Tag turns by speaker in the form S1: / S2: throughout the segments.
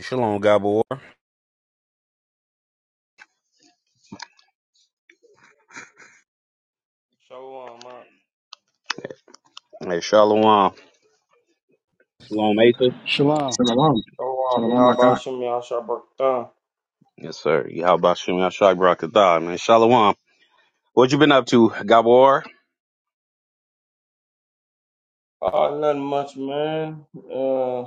S1: Shalom, Gabor.
S2: Shalom,
S1: Hey, Shalom. Shalom, Asa.
S3: Shalom.
S4: Shalom.
S2: Shalom,
S4: Shalom, Aka.
S2: Yabashim, Yashabakta.
S1: Yes, sir. How about Shem Yashak Barakatah, man? Shalom. What you been up to, Gabor?
S2: Uh, nothing much, man. Uh,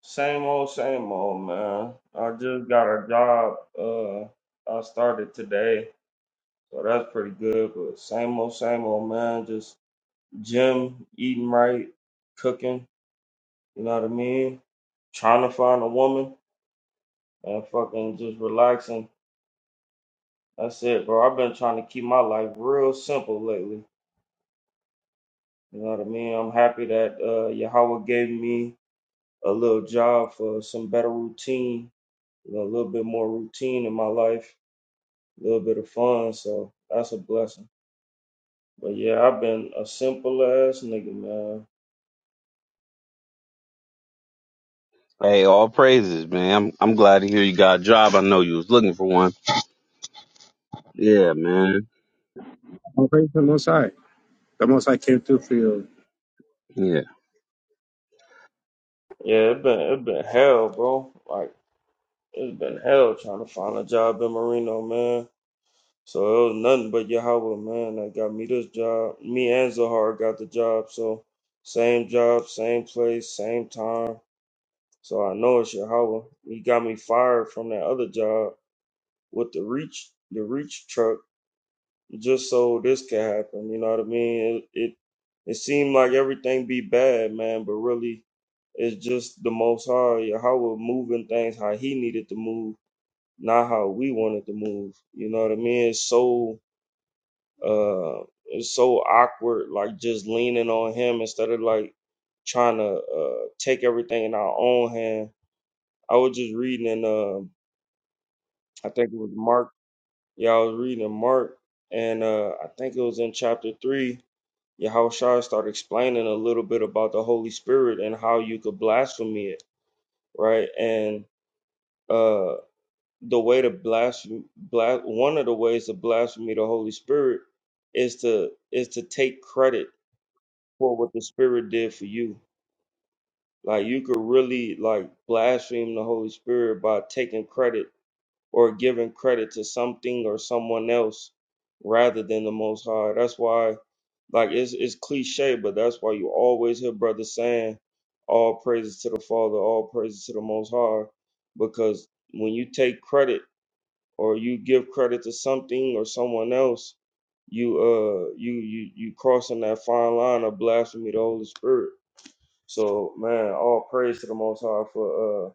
S2: same old, same old, man. I just got a job. Uh, I started today, so that's pretty good. But same old, same old, man. Just gym, eating right, cooking. You know what I mean? Trying to find a woman and fucking just relaxing. That's it, bro. I've been trying to keep my life real simple lately. You know what I mean? I'm happy that uh, Yahweh gave me a little job for some better routine, you know, a little bit more routine in my life, a little bit of fun. So that's a blessing. But yeah, I've been a simple ass nigga, man.
S1: Hey, all praises, man. I'm, I'm glad to hear you got a job. I know you was looking for one. Yeah, man.
S4: Well, praise the Most High. The Most High came through for you.
S1: Yeah.
S2: Yeah, it been it been hell, bro. Like it's been hell trying to find a job in Marino, man. So it was nothing but Yahweh, man, that got me this job. Me and Zahar got the job, so same job, same place, same time. So I know it's Yahweh. He got me fired from that other job with the reach the reach truck just so this can happen. You know what I mean? It it, it seemed like everything be bad, man, but really it's just the most high yeah, how we're moving things how he needed to move, not how we wanted to move. You know what I mean? It's so uh it's so awkward, like just leaning on him instead of like trying to uh take everything in our own hand. I was just reading in uh I think it was Mark Yeah, I was reading in Mark, and uh, I think it was in chapter three. Yahushua started explaining a little bit about the Holy Spirit and how you could blaspheme it, right? And uh, the way to blaspheme, blas- one of the ways to blaspheme the Holy Spirit is to is to take credit for what the Spirit did for you. Like you could really like blaspheme the Holy Spirit by taking credit or giving credit to something or someone else rather than the Most High. That's why, like, it's, it's cliche, but that's why you always hear brothers saying, all praises to the Father, all praises to the Most High, because when you take credit or you give credit to something or someone else, you uh you you you crossing that fine line of blasphemy to the Holy Spirit. So man, all praise to the Most High for uh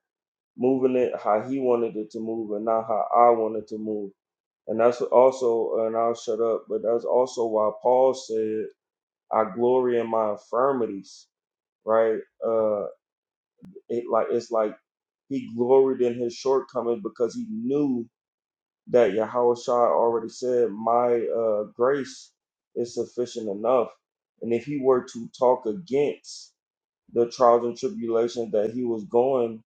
S2: moving it how he wanted it to move and not how I wanted to move. And that's also, and I'll shut up, but that's also why Paul said, I glory in my infirmities, right? Uh, it like It's like he gloried in his shortcomings because he knew that Yahweh Shai already said, My uh, grace is sufficient enough. And if he were to talk against the trials and tribulations that he was going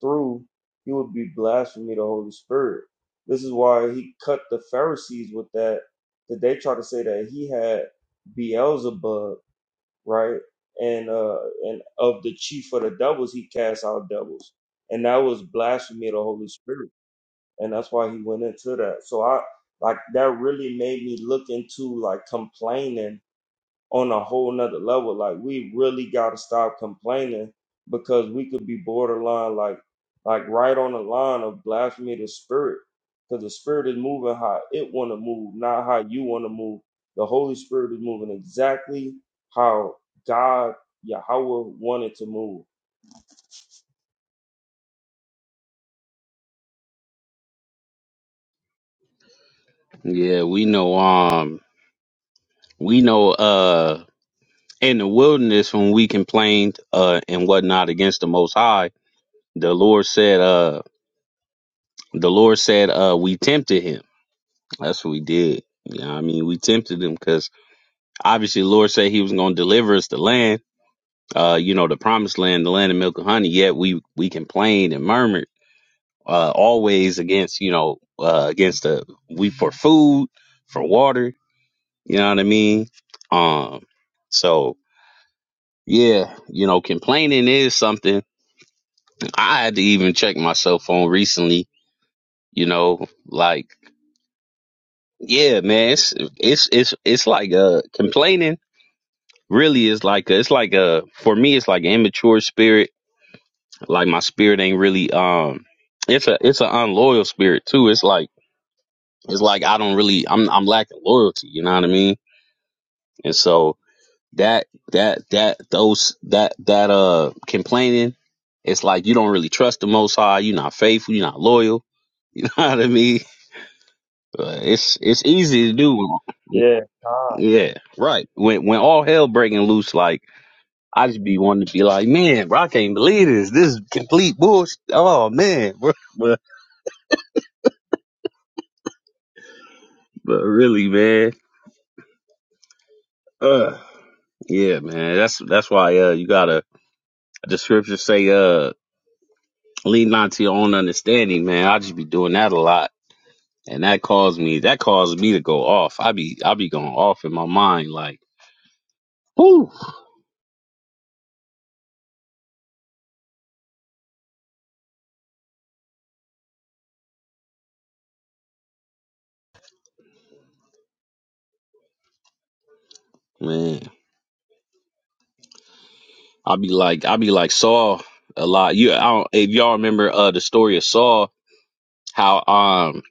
S2: through, he would be blaspheming the Holy Spirit. This is why he cut the Pharisees with that, that they try to say that he had Beelzebub, right? And uh and of the chief of the devils, he cast out devils. And that was blasphemy of the Holy Spirit. And that's why he went into that. So I like that really made me look into like complaining on a whole nother level. Like we really gotta stop complaining because we could be borderline like like right on the line of blasphemy of the spirit. Because the spirit is moving how it wanna move, not how you wanna move. The Holy Spirit is moving exactly how God Yahweh wanted to move.
S1: Yeah, we know, um, we know, uh, in the wilderness when we complained, uh, and whatnot against the Most High, the Lord said, uh, the Lord said, uh, we tempted him. That's what we did. Yeah, I mean, we tempted him 'cause obviously the Lord said he was going to deliver us the land, uh, you know, the promised land, the land of milk and honey. Yet we, we complained and murmured, uh, always against, you know, uh, against the, we for food, for water, you know what I mean? Um, so yeah, you know, complaining is something I had to even check myself on recently, you know, like, yeah, man, it's, it's, it's, it's like, uh, complaining really is like, a, it's like a, for me, it's like an immature spirit Like my spirit ain't really um it's a it's an unloyal spirit too. It's like it's like I don't really I'm I'm lacking loyalty, you know what I mean? And so that that that those that that uh complaining, it's like you don't really trust the most high, you're not faithful, you're not loyal, you know what I mean? Uh, It's it's easy to do. when-
S2: Yeah. God.
S1: Yeah, right. When when all hell breaking loose, like I just be wanting to be like, man, bro, I can't believe this. This is complete bullshit. Oh man, bro. But really, man, uh, yeah, man, that's that's why uh, you gotta. The scriptures say, uh, lean not to your own understanding, man. I just be doing that a lot, and that caused me that caused me to go off. I be I be going off in my mind, like, whoo, man. I be like I be like Saul a lot. You, I don't, if y'all remember uh the story of Saul, how um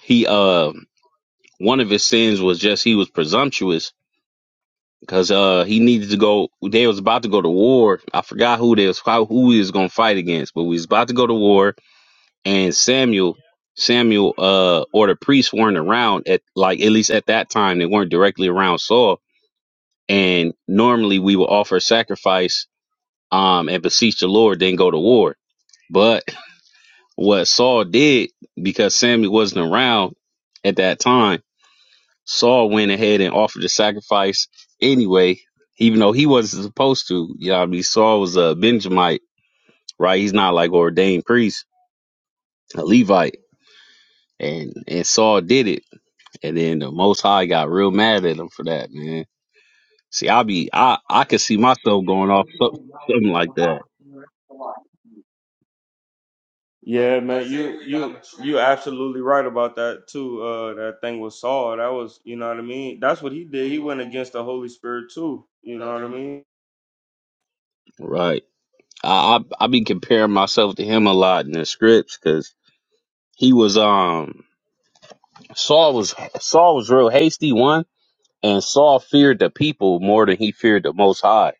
S1: he uh one of his sins was just he was presumptuous because uh he needed to go. They was about to go to war. I forgot who they was how- who he was gonna fight against, but we was about to go to war. And Samuel, Samuel, uh, or the priests weren't around at like at least at that time they weren't directly around Saul. And normally we would offer sacrifice, um, and beseech the Lord, then go to war. But what Saul did because Samuel wasn't around at that time Saul went ahead and offered the sacrifice anyway, even though he wasn't supposed to. You know what I mean? Saul was a Benjamite, right? He's not like ordained priest, a Levite. And and Saul did it. And then the most high got real mad at him for that, man. See, I be I I could see myself going off so- something like that.
S2: Yeah, man, you you you absolutely right about that too. Uh, that thing with Saul, that was you know what I mean. That's what he did. He went against the Holy Spirit too. You know what I mean?
S1: Right. I I, I be comparing myself to him a lot in the scripts because he was um Saul was Saul was real hasty one And Saul feared the people more than he feared the Most High.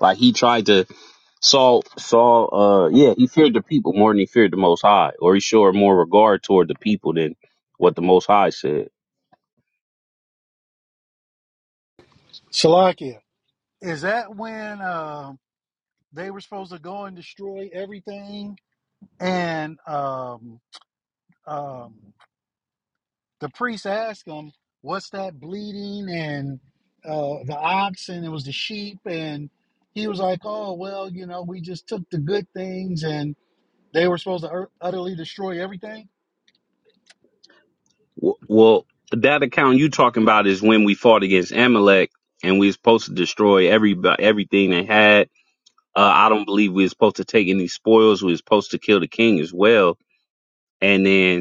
S1: Like he tried to Saul Saul uh yeah he feared the people more than he feared the Most High, or he showed more regard toward the people than what the Most High said.
S3: Shalakia. Is that when um they were supposed to go and destroy everything? And um, um, the priest asked them, What's that bleeding? And uh, the oxen, it was the sheep. And he was like, Oh, well, you know, we just took the good things and they were supposed to ut- utterly destroy everything?
S1: W- Well, that account you talking about is when we fought against Amalek and we was supposed to destroy every everything they had. Uh, I don't believe we was supposed to take any spoils. We was supposed to kill the king as well. And then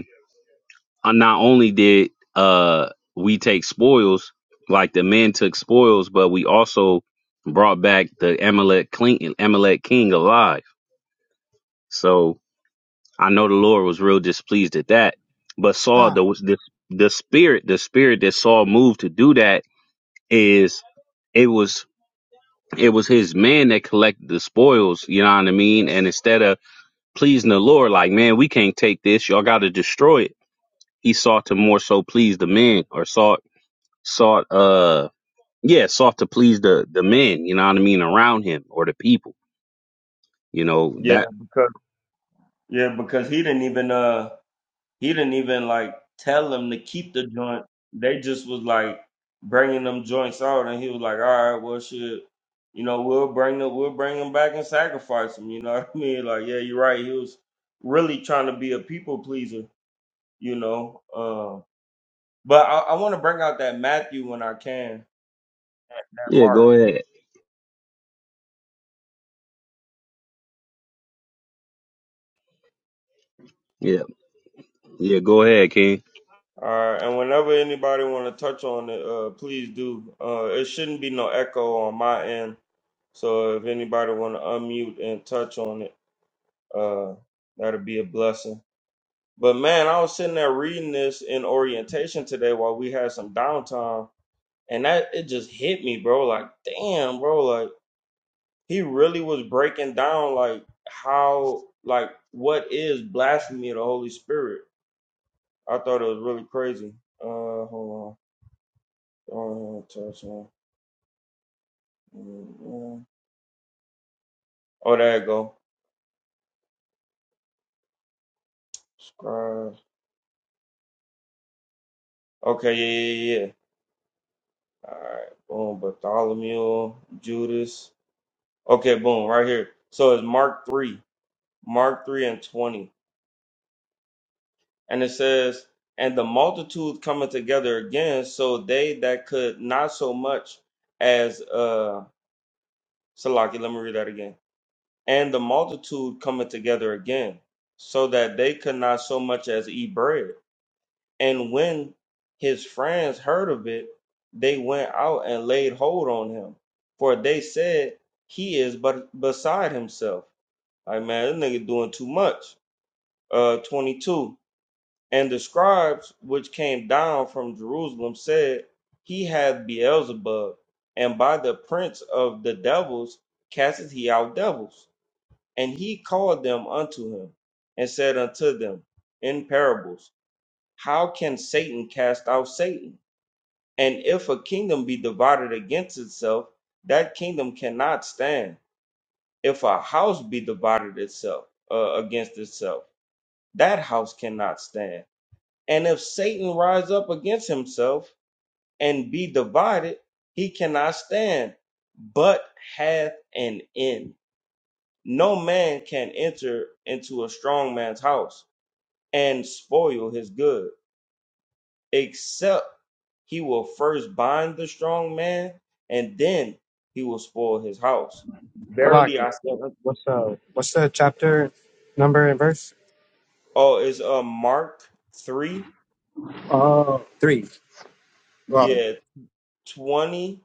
S1: uh, not only did uh we take spoils, like the men took spoils, but we also brought back the Amalek king, Amalek king alive. So I know the Lord was real displeased at that. But Saul, the
S3: Time.
S1: the, the spirit, the spirit that Saul moved to do that is it was it was his man that collected the spoils. You know what I mean? And instead of pleasing the Lord, like man, we can't take this. Y'all got to destroy it. He sought to more so please the men, or sought sought uh yeah sought to please the the men you know what i mean around him or the people you know
S2: Yeah,
S1: that
S2: because yeah, because he didn't even uh he didn't even like tell them to keep the joint. They just was like bringing them joints out, and he was like, all right, well, shit, you know, we'll bring them, we'll bring them back and sacrifice them. You know what I mean? Like, yeah, you're right. He was really trying to be a people pleaser. You know, um, But I, I want to bring out that Matthew when I can, that, that
S1: yeah
S2: Mark.
S1: go ahead yeah yeah go ahead king
S2: All right, and whenever anybody want to touch on it, uh, please do. Uh, it shouldn't be no echo on my end. So if anybody want to unmute and touch on it, uh, that'll be a blessing. But man, I was sitting there reading this in orientation today while we had some downtime, and that it just hit me, bro. Like, damn, bro. Like he really was breaking down like how like what is blasphemy of the Holy Spirit I thought it was really crazy. Uh, hold on. Oh, Mm, yeah. Oh, there you go. Scribe. Okay, yeah, yeah, yeah. All right, boom. Bartholomew, Judas. Okay, boom, right here. So it's Mark 3, Mark 3 and 20. And it says, And the multitude coming together again, so they that could not so much as, uh, Salaki, let me read that again and the multitude coming together again, so that they could not so much as eat bread. And when his friends heard of it, they went out and laid hold on him, for they said he is but beside himself. Like man, this nigga doing too much. Uh, twenty two. And the scribes which came down from Jerusalem said, He hath Beelzebub, and by the prince of the devils casteth he out devils. And he called them unto him and said unto them in parables, How can Satan cast out Satan? And if a kingdom be divided against itself, that kingdom cannot stand. If a house be divided itself uh, against itself, that house cannot stand. And if Satan rise up against himself and be divided, he cannot stand, but hath an end. No man can enter into a strong man's house and spoil his good, except he will first bind the strong man, and then he will spoil his house. Verily
S4: Salakia.
S2: I say,
S4: Yeah.
S2: unto-
S4: What's uh what's the chapter number and verse?
S2: oh, it's uh, Mark 3,
S4: Oh, three. Well,
S2: yeah, 20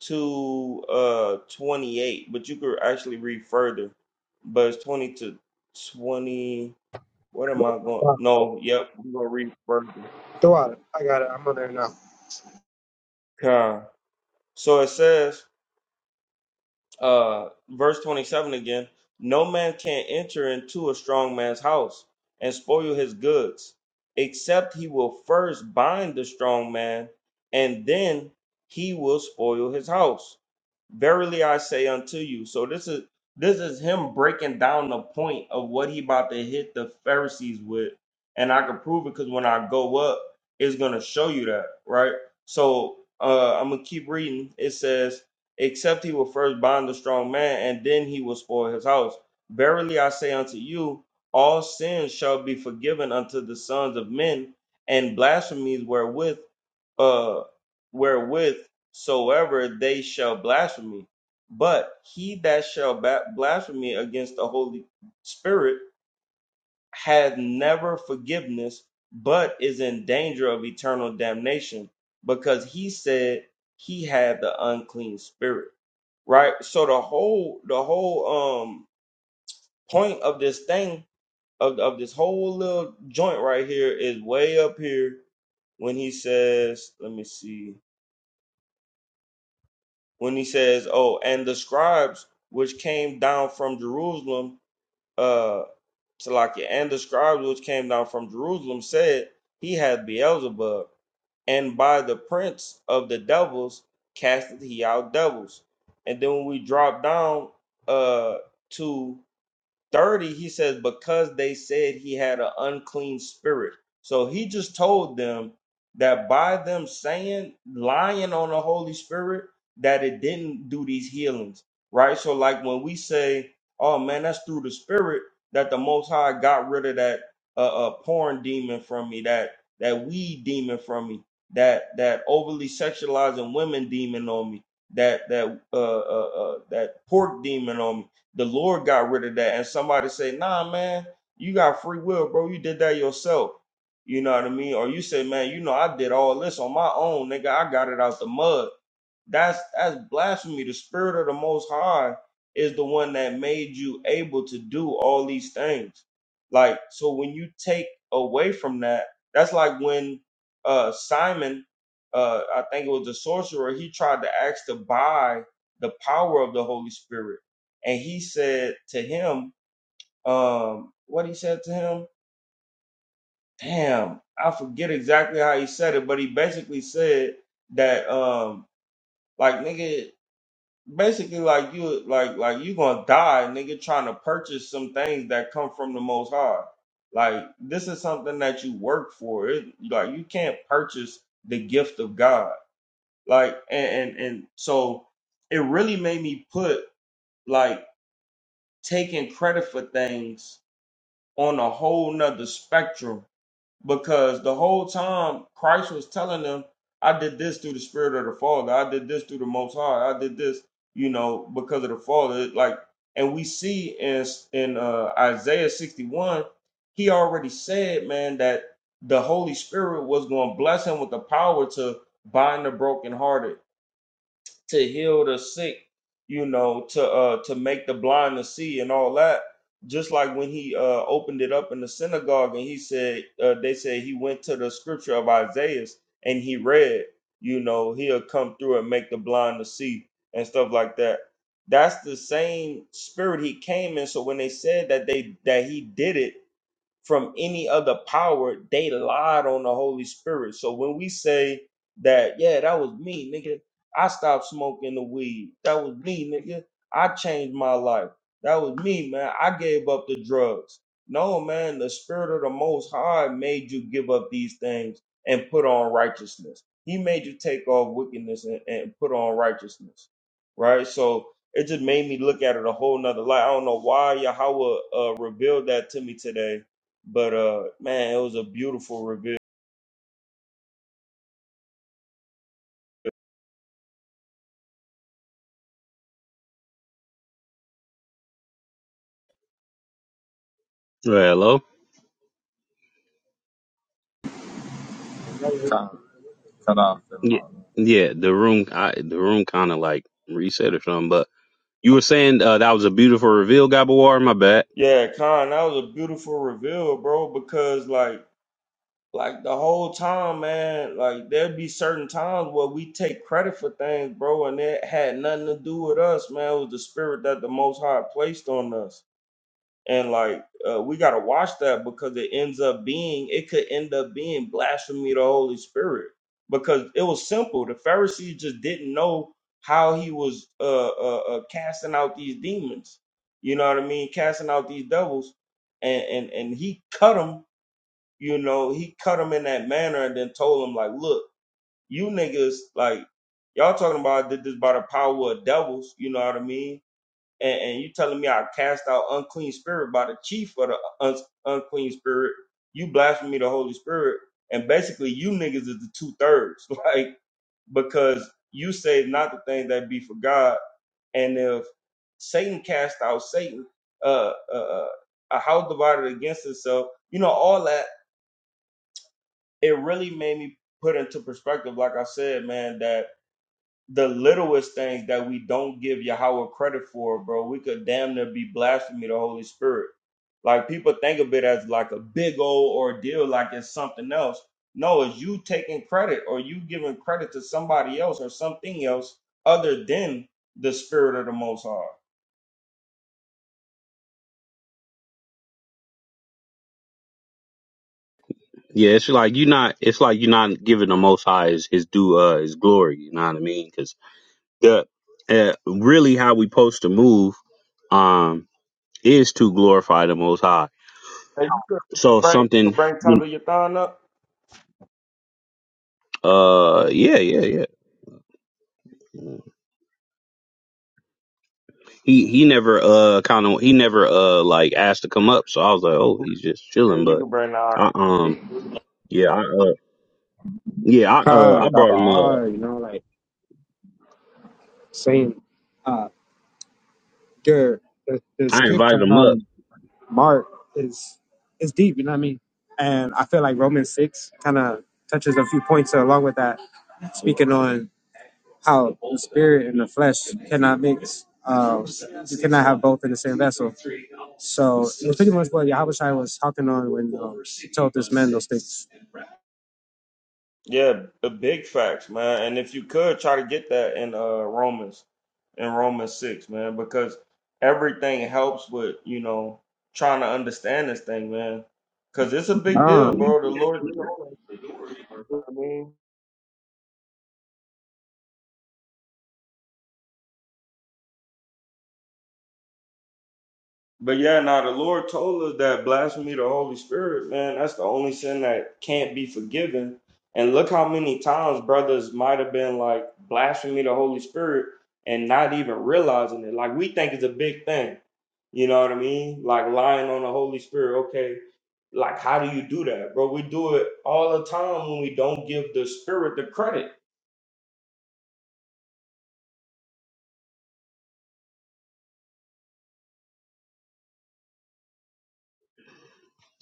S2: to uh 28, but you could actually read further, but it's 20 to 20. What am I going?
S4: Gotcha.
S2: No, yep, we're gonna read further.
S4: Tawad, I got it. I'm on there now.
S2: Okay. So it says, uh, verse 27 again no man can enter into a strong man's house and spoil his goods except he will first bind the strong man and then he will spoil his house verily i say unto you so this is this is him breaking down the point of what he about to hit the pharisees with and i can prove it because when i go up it's gonna show you that right so uh i'm gonna keep reading it says except he will first bind the strong man, and then he will spoil his house. Verily I say unto you, all sins shall be forgiven unto the sons of men, and blasphemies wherewith uh wherewith soever they shall blaspheme. But he that shall ba- blaspheme against the Holy Spirit hath never forgiveness, but is in danger of eternal damnation, because he said he had the unclean spirit. Right? So the whole the whole um point of this thing of, of this whole little joint right here is way up here when he says, let me see, when he says, Oh, and the scribes which came down from Jerusalem uh Salakia, and the scribes which came down from Jerusalem said, He hath Beelzebub, and by the prince of the devils casteth he out devils. And then when we drop down uh to 30 he says because they said he had an unclean spirit so he just told them that by them saying lying on the holy spirit that it didn't do these healings right so like when we say oh man that's through the spirit that the most high got rid of that uh, uh porn demon from me that that weed demon from me that that overly sexualizing women demon on me that that uh, uh, uh that pork demon on me the Lord got rid of that. And somebody say, nah, man, you got free will, bro. You did that yourself. You know what I mean? Or you say, man, you know, I did all this on my own, nigga. I got it out the mud. That's that's blasphemy. The spirit of the most high is the one that made you able to do all these things. Like, so when you take away from that, that's like when uh Simon, uh, I think it was the sorcerer, he tried to ask to buy the power of the Holy Spirit and he said to him, um, what he said to him, damn, I forget exactly how he said it, but he basically said that um like nigga basically like you like like you gonna die, nigga, trying to purchase some things that come from the most high. Like this is something that you work for. It like you can't purchase the gift of God. Like and and, and so it really made me put like taking credit for things on a whole nother spectrum because the whole time Christ was telling them, I did this through the Spirit of the Father, I did this through the Most High, I did this, you know, because of the Father. It Like, and we see in in uh, Isaiah 61, he already said, man, that the Holy Spirit was going to bless him with the power to bind the brokenhearted to heal the sick, you know, to uh to make the blind to see and all that. Just like when he uh opened it up in the synagogue and he said uh, they said he went to the scripture of Isaiah and he read, you know, he'll come through and make the blind to see and stuff like that. That's the same spirit he came in. So when they said that they that he did it from any other power, they lied on the Holy Spirit. So when we say that, yeah, that was me, nigga. I stopped smoking the weed. That was me, nigga. I changed my life. That was me, man. I gave up the drugs. No, man, the spirit of the most high made you give up these things and put on righteousness. He made you take off wickedness and, and put on righteousness. Right? So it just made me look at it a whole nother light. I don't know why Yahweh uh, revealed that to me today but uh man, it was a beautiful reveal.
S1: Right, hello yeah yeah the room I, the room kind of like reset or something but you were saying uh, that was a beautiful reveal gabawar my bad
S2: Yeah, Con, that was a beautiful reveal, bro, because like like the whole time, man, like there'd be certain times where we take credit for things, bro, and it had nothing to do with us, man. It was the spirit that the most high placed on us. and like uh, we got to watch that because it ends up being it could end up being blasphemy to the holy spirit because it was simple the pharisees just didn't know how he was uh, uh, uh casting out these demons you know what i mean casting out these devils and and and he cut them you know he cut them in that manner and then told them like look you niggas like y'all talking about I did this by the power of devils you know what i mean and, and you telling me I cast out unclean spirit by the chief of the un- unclean spirit, you blasphemy the Holy Spirit, and basically you niggas is the two thirds, like because you say not the thing that be for God, and if Satan cast out Satan, uh, uh, uh, a house divided against itself, you know all that. It really made me put into perspective, like I said, man, that the littlest things that we don't give Yahweh credit for, bro, we could damn near be blasphemy the Holy Spirit. Like people think of it as like a big old ordeal, like it's something else. No, it's you taking credit or you giving credit to somebody else or something else other than the spirit of the most high.
S1: yeah it's like you're not it's like you're not giving the most high his, his due uh his glory you know what i mean because the uh, really how we supposed to move um is to glorify the most high
S2: Hey, you could, you could
S1: So
S2: bring you
S1: something,
S2: could bring Tava Yathan up.
S1: uh, yeah, yeah, yeah. He he never uh kind of he never uh like asked to come up. So I was like, oh, he's just
S2: Yeah,
S1: chilling.
S2: you
S1: But
S2: could bring the Ark.
S1: I um yeah I uh yeah I uh
S4: Ah,
S1: I
S4: got the
S1: brought him up.
S4: R, you know, like saying, uh, your, the, the
S1: I
S4: script
S1: invited
S4: on
S1: him up.
S4: um, Mark is is deep, you know what I mean? And I feel like Romans 6 kind of touches a few points along with that, speaking on how the spirit and the flesh cannot mix. Um, you cannot have both in the same vessel. So it's pretty much what Yahweh Shai was talking on when um, he told this man those things.
S2: Yeah, the big facts, man. And if you could try to get that in uh Romans. in Romans 6, man, because everything helps with, you know, trying to understand this thing, man. Because it's a big
S4: Um,
S2: deal, bro. The Lord told us, I mean. But yeah, now the Lord told us that blasphemy of the Holy Spirit, man, that's the only sin that can't be forgiven. And look how many times brothers might have been like blasphemy of the Holy Spirit and not even realizing it. Like we think it's a big thing. You know what I mean? Like lying on the Holy Spirit. Okay, like how do you do that, bro? We do it all the time when we don't give the Spirit the credit.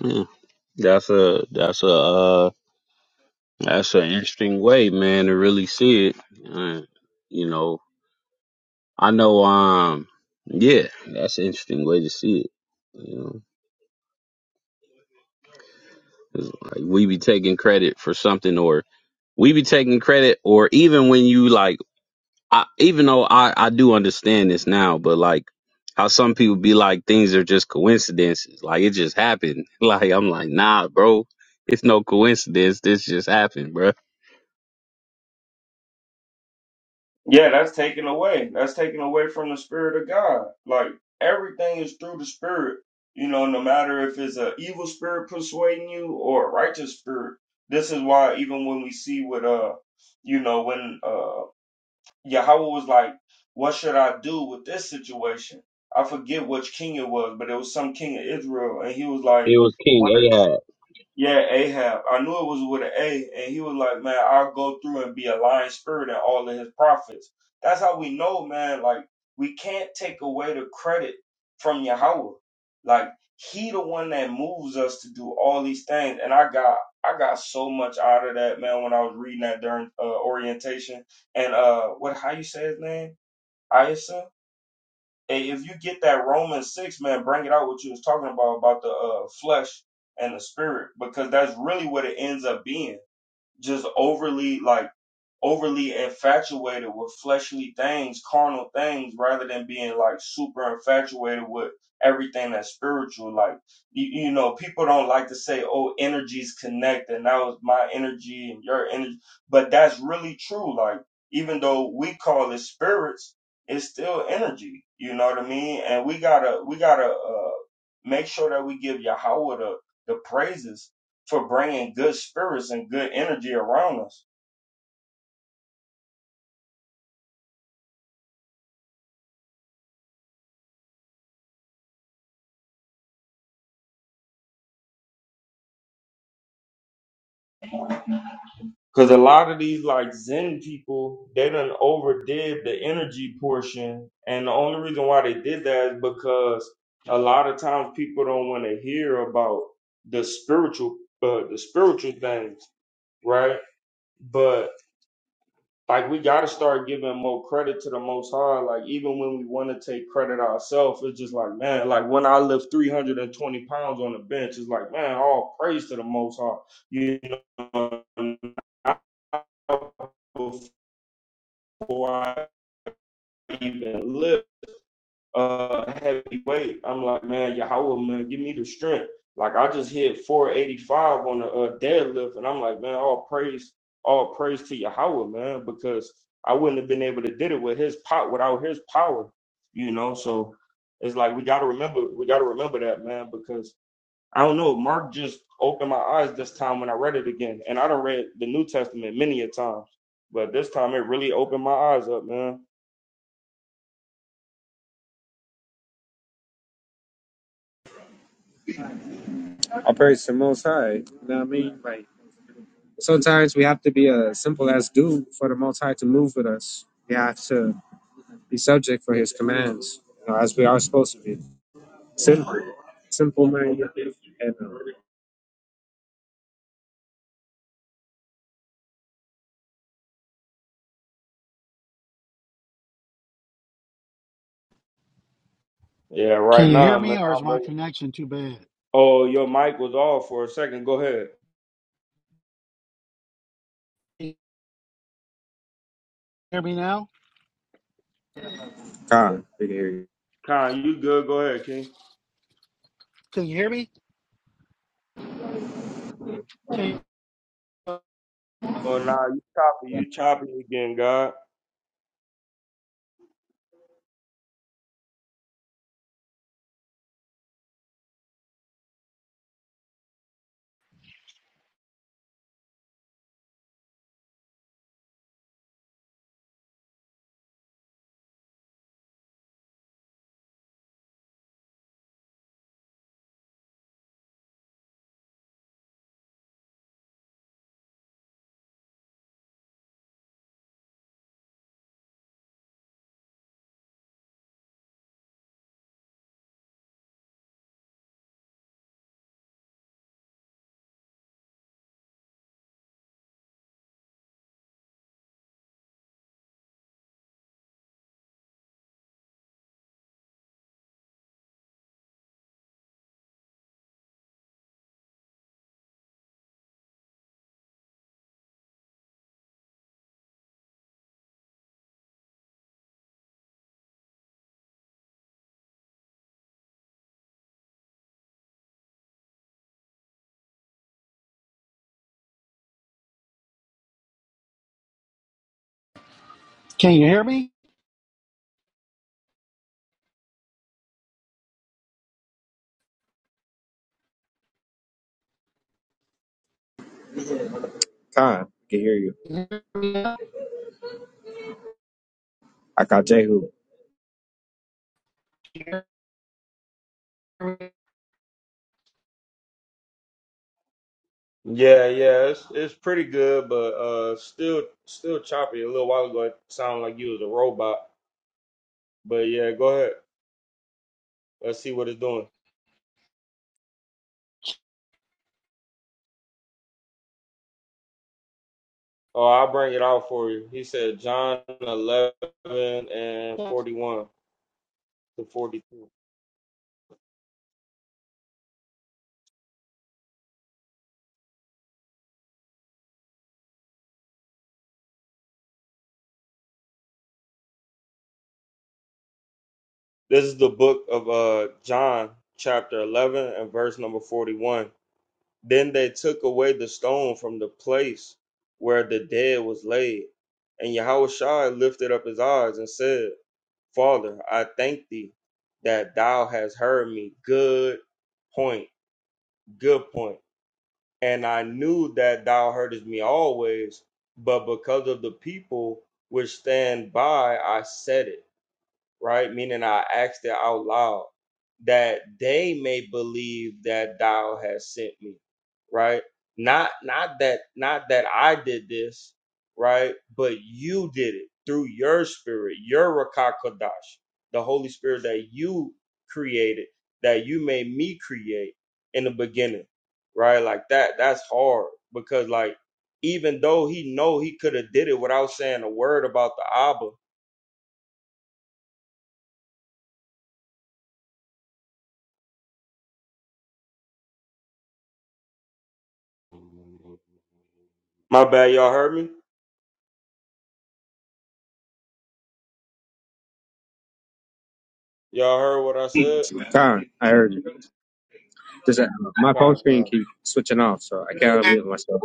S1: Yeah, that's a that's a uh that's an interesting way, man, to really see it. Uh, you know, I know. Um, yeah, that's an interesting way to see it. You know, 'cause, like we be taking credit for something or we be taking credit or even when you like I, even though I, I do understand this now but like how some people be like things are just coincidences like it just happened like i'm like nah bro it's no coincidence this just happened bro
S2: Yeah, that's taken away. That's taken away from the spirit of God. Like everything is through the spirit. You know, no matter if it's a evil spirit persuading you or a righteous spirit. This is why even when we see with uh you know, when uh Yahweh was like, What should I do with this situation? I forget which king it was, but it was some king of Israel, and he was like
S1: it was king ahab
S2: yeah, Ahab. I knew it was with an A, and he was like, "Man, I'll go through and be a lying spirit and all of his prophets." That's how we know, man. Like we can't take away the credit from Yahweh. Like he the one that moves us to do all these things, and I got I got so much out of that, man. When I was reading that during uh, orientation, and uh, what how you say his name? Isa. Hey, if you get that Romans six, man, bring it out what you was talking about about the uh, flesh and the spirit, because that's really what it ends up being. Just overly like overly infatuated with fleshly things, carnal things, rather than being like super infatuated with everything that's spiritual. Like, you, you know, people don't like to say, oh, energies connect, and that was my energy and your energy. But that's really true. Like, even though we call it spirits, it's still energy. You know what I mean? And we gotta, we gotta, uh, make sure that we give Yahweh the, the praises for bringing good spirits and good energy around us Because a lot of these like Zen people, they done overdid the energy portion, and the only reason why they did that is because a lot of times people don't want to hear about the spiritual, uh, the spiritual things, right? But like we gotta start giving more credit to the most high. Like even when we wanna take credit ourselves, it's just like, man, like when I lift three hundred and twenty pounds on the bench, it's like, man, all praise to the most high. You know, before I even lift uh heavy weight. I'm like, man, Yahweh, man, give me the strength. Like I just hit 485 on a uh, deadlift, and I'm like, man, all praise, all praise to Yahweh, man, because I wouldn't have been able to did it with his pot without his power, you know. So it's like we gotta remember, we gotta remember that, man, because I don't know. Mark just opened my eyes this time when I read it again, and I done read the New Testament many a times, but this time it really opened my eyes up, man.
S4: I praise the Most High. You know what I mean? Like sometimes we have to be a simple as dude for the Most High to move with us. We have to be subject for His commands, you know, as we are supposed to be. Simple, simple man. And uh,
S2: Yeah,
S3: Can
S2: right
S3: you hear
S2: now, man.
S3: me or is
S2: I'm
S3: my
S2: waiting
S3: connection too bad?
S2: Oh, your mic was off for a second. Go ahead.
S3: Can you hear me now?
S4: Khan, we can hear you.
S2: Con, you good? Go ahead, King.
S3: Can you hear me? Can you, uh,
S2: Oh, nah, you choppy. You choppy again, God.
S3: can you hear
S4: Khan, we can hear you.
S3: me?
S4: I got Jehu.
S2: Yeah, yeah, it's it's pretty good, but uh, still still choppy. A little while ago, it sounded like you was a robot. But yeah, go ahead. Let's see what it's doing. Oh, I'll bring it out for you. He said John eleven and forty one to forty two. This is the book of uh John, chapter eleven and verse number forty one. Then they took away the stone from the place where the dead was laid. And Yahushua lifted up his eyes and said, Father, I thank thee that thou hast heard me. Good point. Good point. And I knew that thou heardest me always, but because of the people which stand by, I said it right? Meaning I asked it out loud that they may believe that thou has sent me, right? Not not that not that I did this, right? But you did it through your spirit, your Rakakadash, the Holy Spirit that you created, that you made me create in the beginning, right? Like that, that's hard because like even though he know he could have did it without saying a word about the Abba, My bad, y'all heard me? Y'all heard what I said?
S4: Khan, I heard you. Just, uh, my phone
S2: Con,
S4: screen
S2: con.
S4: keeps switching off, so I can't unmute myself.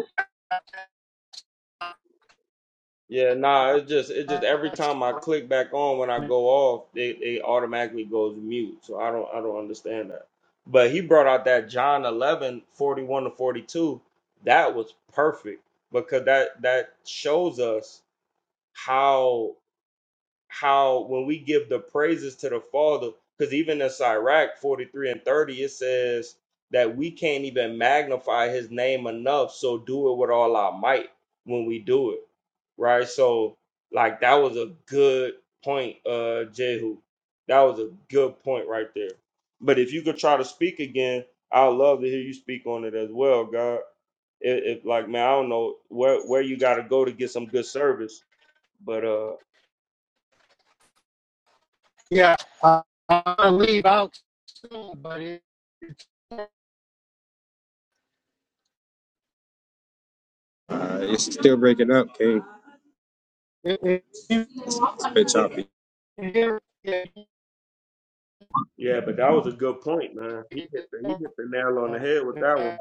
S2: Yeah, nah, it's just it just every time I click back on when I go off, they they automatically goes mute. So I don't I don't understand that. But he brought out that John 11 41 to 42. That was perfect because that that shows us how how when we give the praises to the Father, because even in Sirach 43 and 30, it says that we can't even magnify his name enough. So do it with all our might when we do it. Right. So like that was a good point, uh, Jehu. That was a good point right there. But if you could try to speak again, I'd love to hear you speak on it as well, God. If, if like man, I don't know where where you gotta go to get some good service, but uh
S3: Yeah, uh, I'm gonna leave out soon, but it,
S4: Uh, it's still breaking up, King.
S3: it, it,
S4: It's a bit choppy.
S3: hear- it,
S2: Yeah, but that was a good point, man. He
S3: it-
S2: hit the he
S3: it-
S2: hit the nail on the head with that one.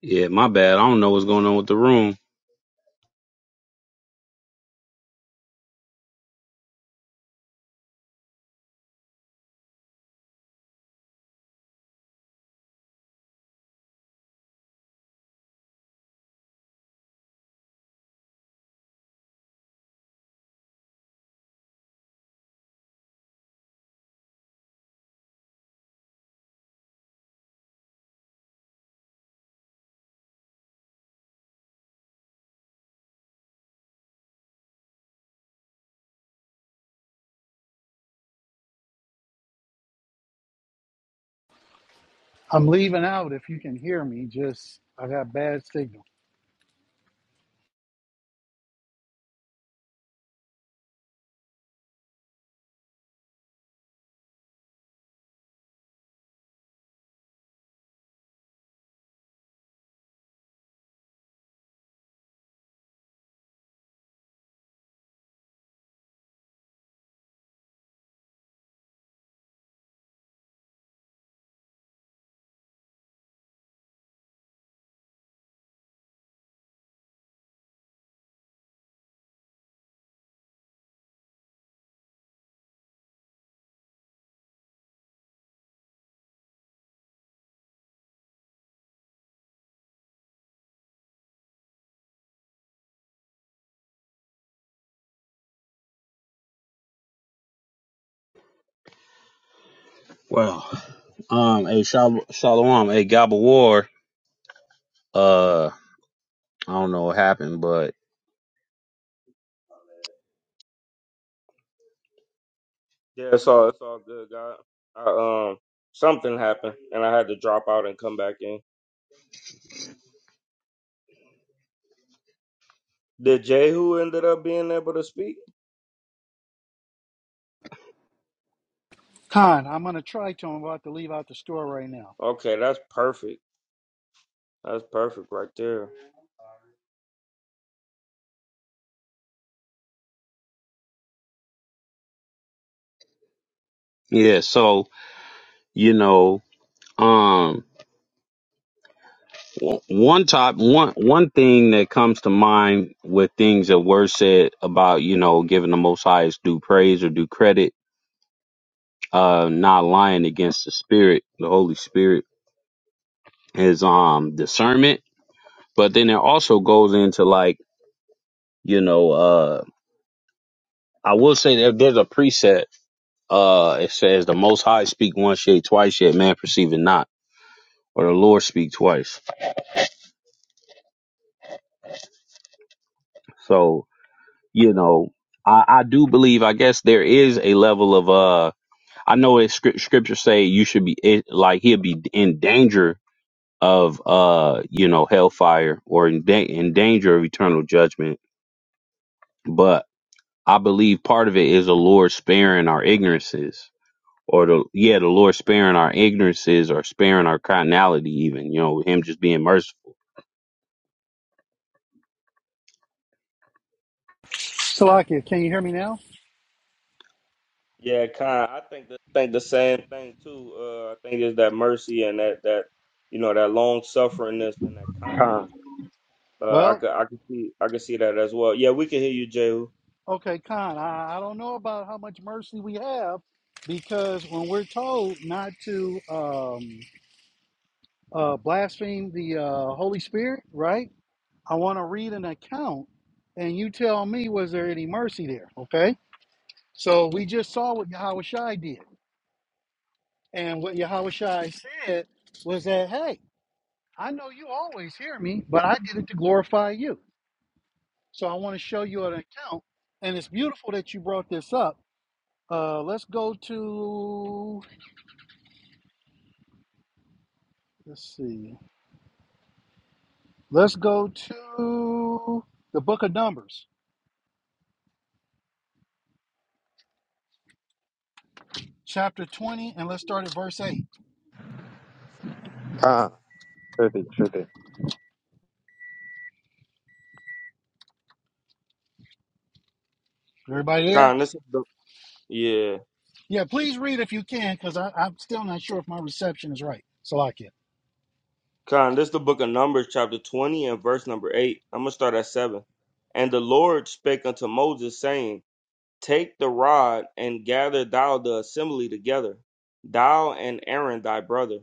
S1: yeah my bad i don't know what's going on with the room
S3: I'm leaving out. If you can hear me, just I got bad signal.
S1: well um hey Shal- shalom hey gabba war uh i don't know what happened but
S2: Yeah, it's all it's all good, God. I, um, something happened, and I had to drop out and come back in. Did Jehu ended up being able to speak?
S3: Con, I'm gonna try to. I'm about to leave out the store right now.
S2: Okay, that's perfect. That's perfect right there.
S1: yeah so you know um One top one one thing that comes to mind with things that were said about you know giving the Most Highest due praise or due credit, uh, not lying against the Spirit, the Holy Spirit, is um discernment. But then it also goes into like you know uh I will say there, there's a preset uh it says the Most High speak once yet twice yet man perceive it not or the Lord speak twice. So you know I I do believe I guess there is a level of uh I know it's script, scripture say you should be it, like he'll be in danger of uh you know hellfire or in, da- in danger of eternal judgment. But I believe part of it is the Lord sparing our ignorances, or the yeah the Lord sparing our ignorances or sparing our carnality even you know Him just being merciful.
S3: Salakia, can you hear me now?
S2: Yeah, kind. I think the think the same thing too. Uh, I think is that mercy and that that you know that long sufferingness and that kindness.
S4: Con,
S2: Uh, I
S3: Well,
S2: could I could see I could see that as well. Yeah, we can hear you, Jehu.
S3: okay, Con. I, I don't know about how much mercy we have because when we're told not to. Um, uh, blaspheme the uh, Holy Spirit, right? I want to read an account, and you tell me was there any mercy there? Okay. So we just saw what Yahushai did, and what Yahushai said was that, hey, I know you always hear me, but I did it to glorify you. So I want to show you an account, and it's beautiful that you brought this up. Uh, let's go to let's see, let's go to the book of Numbers, chapter twenty, and let's start at verse eight.
S4: perfect.
S3: Everybody there?
S2: Kindness. Yeah.
S3: Yeah, please read if you can, because I'm still not sure if my reception is right. So I can.
S2: Con, this is the book of Numbers, chapter 20, and verse number 8. I'm going to start at 7. And the Lord spake unto Moses, saying, Take the rod and gather thou the assembly together, thou and Aaron thy brother,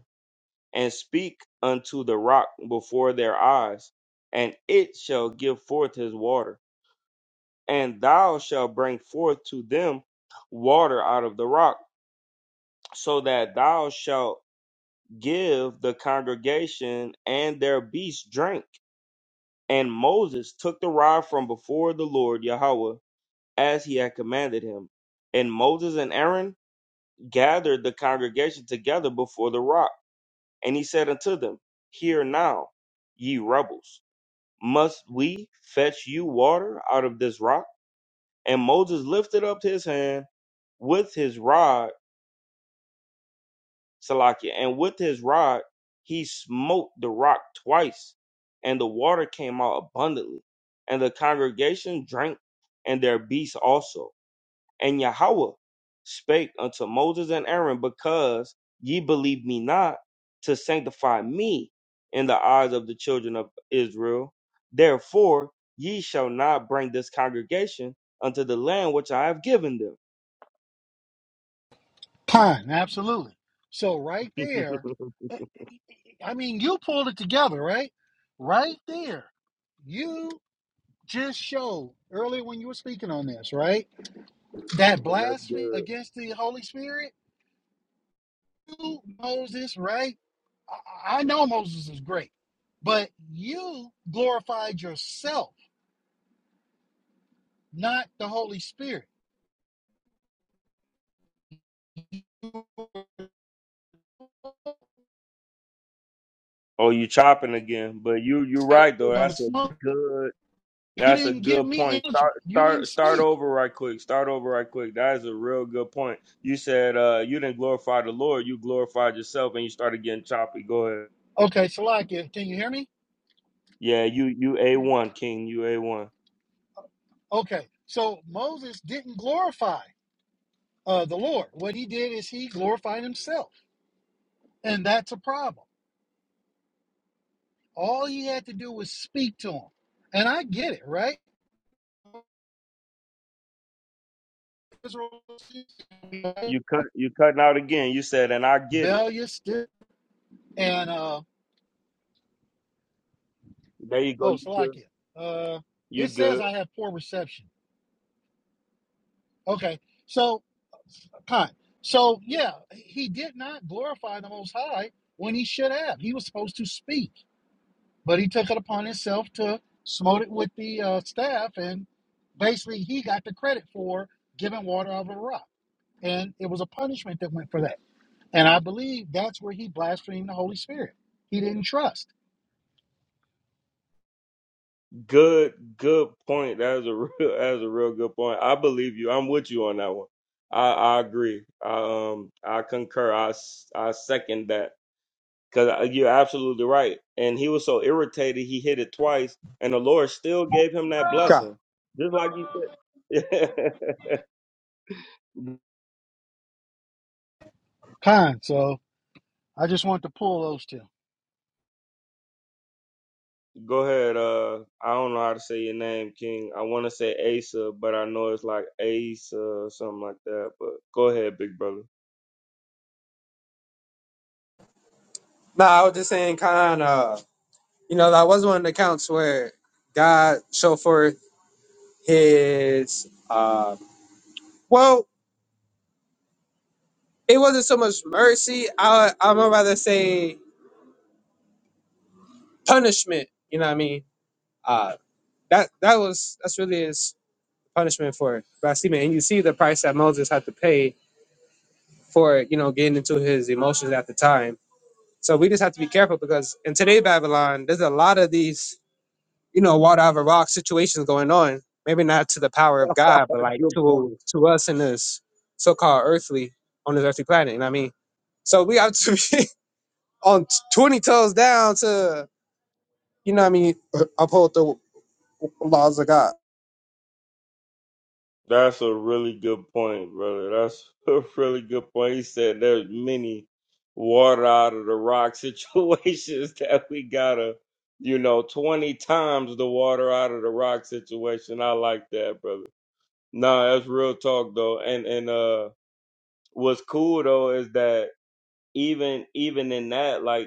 S2: and speak unto the rock before their eyes, and it shall give forth his water. And thou shalt bring forth to them water out of the rock, so that thou shalt give the congregation and their beasts drink And Moses took the rod from before the Lord Yahweh as he had commanded him. And Moses and Aaron gathered the congregation together before the rock. And he said unto them, Hear now, ye rebels, must we fetch you water out of this rock? And Moses lifted up his hand with his rod Salakia. And with his rod, he smote the rock twice, and the water came out abundantly. And the congregation drank, and their beasts also. And Yahweh spake unto Moses and Aaron, Because ye believe me not, to sanctify me in the eyes of the children of Israel. Therefore, ye shall not bring this congregation unto the land which I have given them.
S3: Pine, absolutely. So right there, eh, eh, I mean, you pulled it together, right? Right there, you just showed earlier when you were speaking on this, right? That
S2: yeah, that's
S3: blasphemy
S2: good.
S3: against the Holy Spirit. You, Moses, right? I I know Moses is great, but you glorified yourself, not the Holy Spirit You
S2: Oh, you chopping again? But you you're right though. That's a good
S3: You
S2: that's a
S3: didn't give
S2: good
S3: me
S2: point.
S3: answer.
S2: Start
S3: You didn't
S2: start start
S3: speak.
S2: over right quick. Start over right quick. That is a real good point. You said uh you didn't glorify the Lord. You glorified yourself, and you started getting choppy. Go ahead.
S3: Okay, Salakia, can you hear me?
S2: Yeah, you you a one king. You a one.
S3: Okay, so Moses didn't glorify uh, the Lord. What he did is he glorified himself, and that's a problem. All he had to do was speak to him, and I get it, right? Israel was
S2: You cut you cutting out again. You said, and I get it.
S3: rebellious, and uh,
S2: There you go.
S3: oh,
S2: You good.
S3: Salakia, uh,
S2: You
S3: it says
S2: good.
S3: I have poor reception. Okay, so Kind. So yeah, he did not glorify the Most High when he should have. He was supposed to speak, but he took it upon himself to smote it with the uh, staff, and basically he got the credit for giving water out of a rock, and it was a punishment that went for that. And I believe that's where he blasphemed the Holy Spirit. He didn't trust.
S2: Good, good point. That is a real, that is a real good point. I believe you. I'm with you on that one. I, I agree. I, um, I concur. I, s- I second that because you're absolutely right. And he was so irritated, he hit it twice, and the Lord still gave him that
S4: Con.
S2: blessing, just like you said.
S3: Kind. So I just want to pull those two.
S2: Go ahead. Uh, I don't know how to say your name, King. I want to say Asa, but I know it's like Asa or something like that. But go ahead, big brother.
S4: No, I was just saying, Con, uh, you know, that was one of the accounts where God showed forth his, uh, well, it wasn't so much mercy. I, I'm gonna rather say punishment. You know what I mean? Uh, that, that was, that's really his punishment for blasphemy. And you see the price that Moses had to pay for, you know, getting into his emotions at the time. So we just have to be careful because in today Babylon, there's a lot of these, you know, water out of a rock situations going on. Maybe not to the power of God, but like
S2: Good point.
S4: to to us in this so-called earthly on this earthly planet. You know what I mean? So we have to be on twenty toes down to, you know, what I mean, uphold the laws of God.
S2: That's a really good point, brother. That's a really good point. He said there's many water out of the rock situations that we gotta, you know, 20 times the water out of the rock situation. I like that, brother. Nah, that's real talk though. And and uh what's cool though is that even even in that, like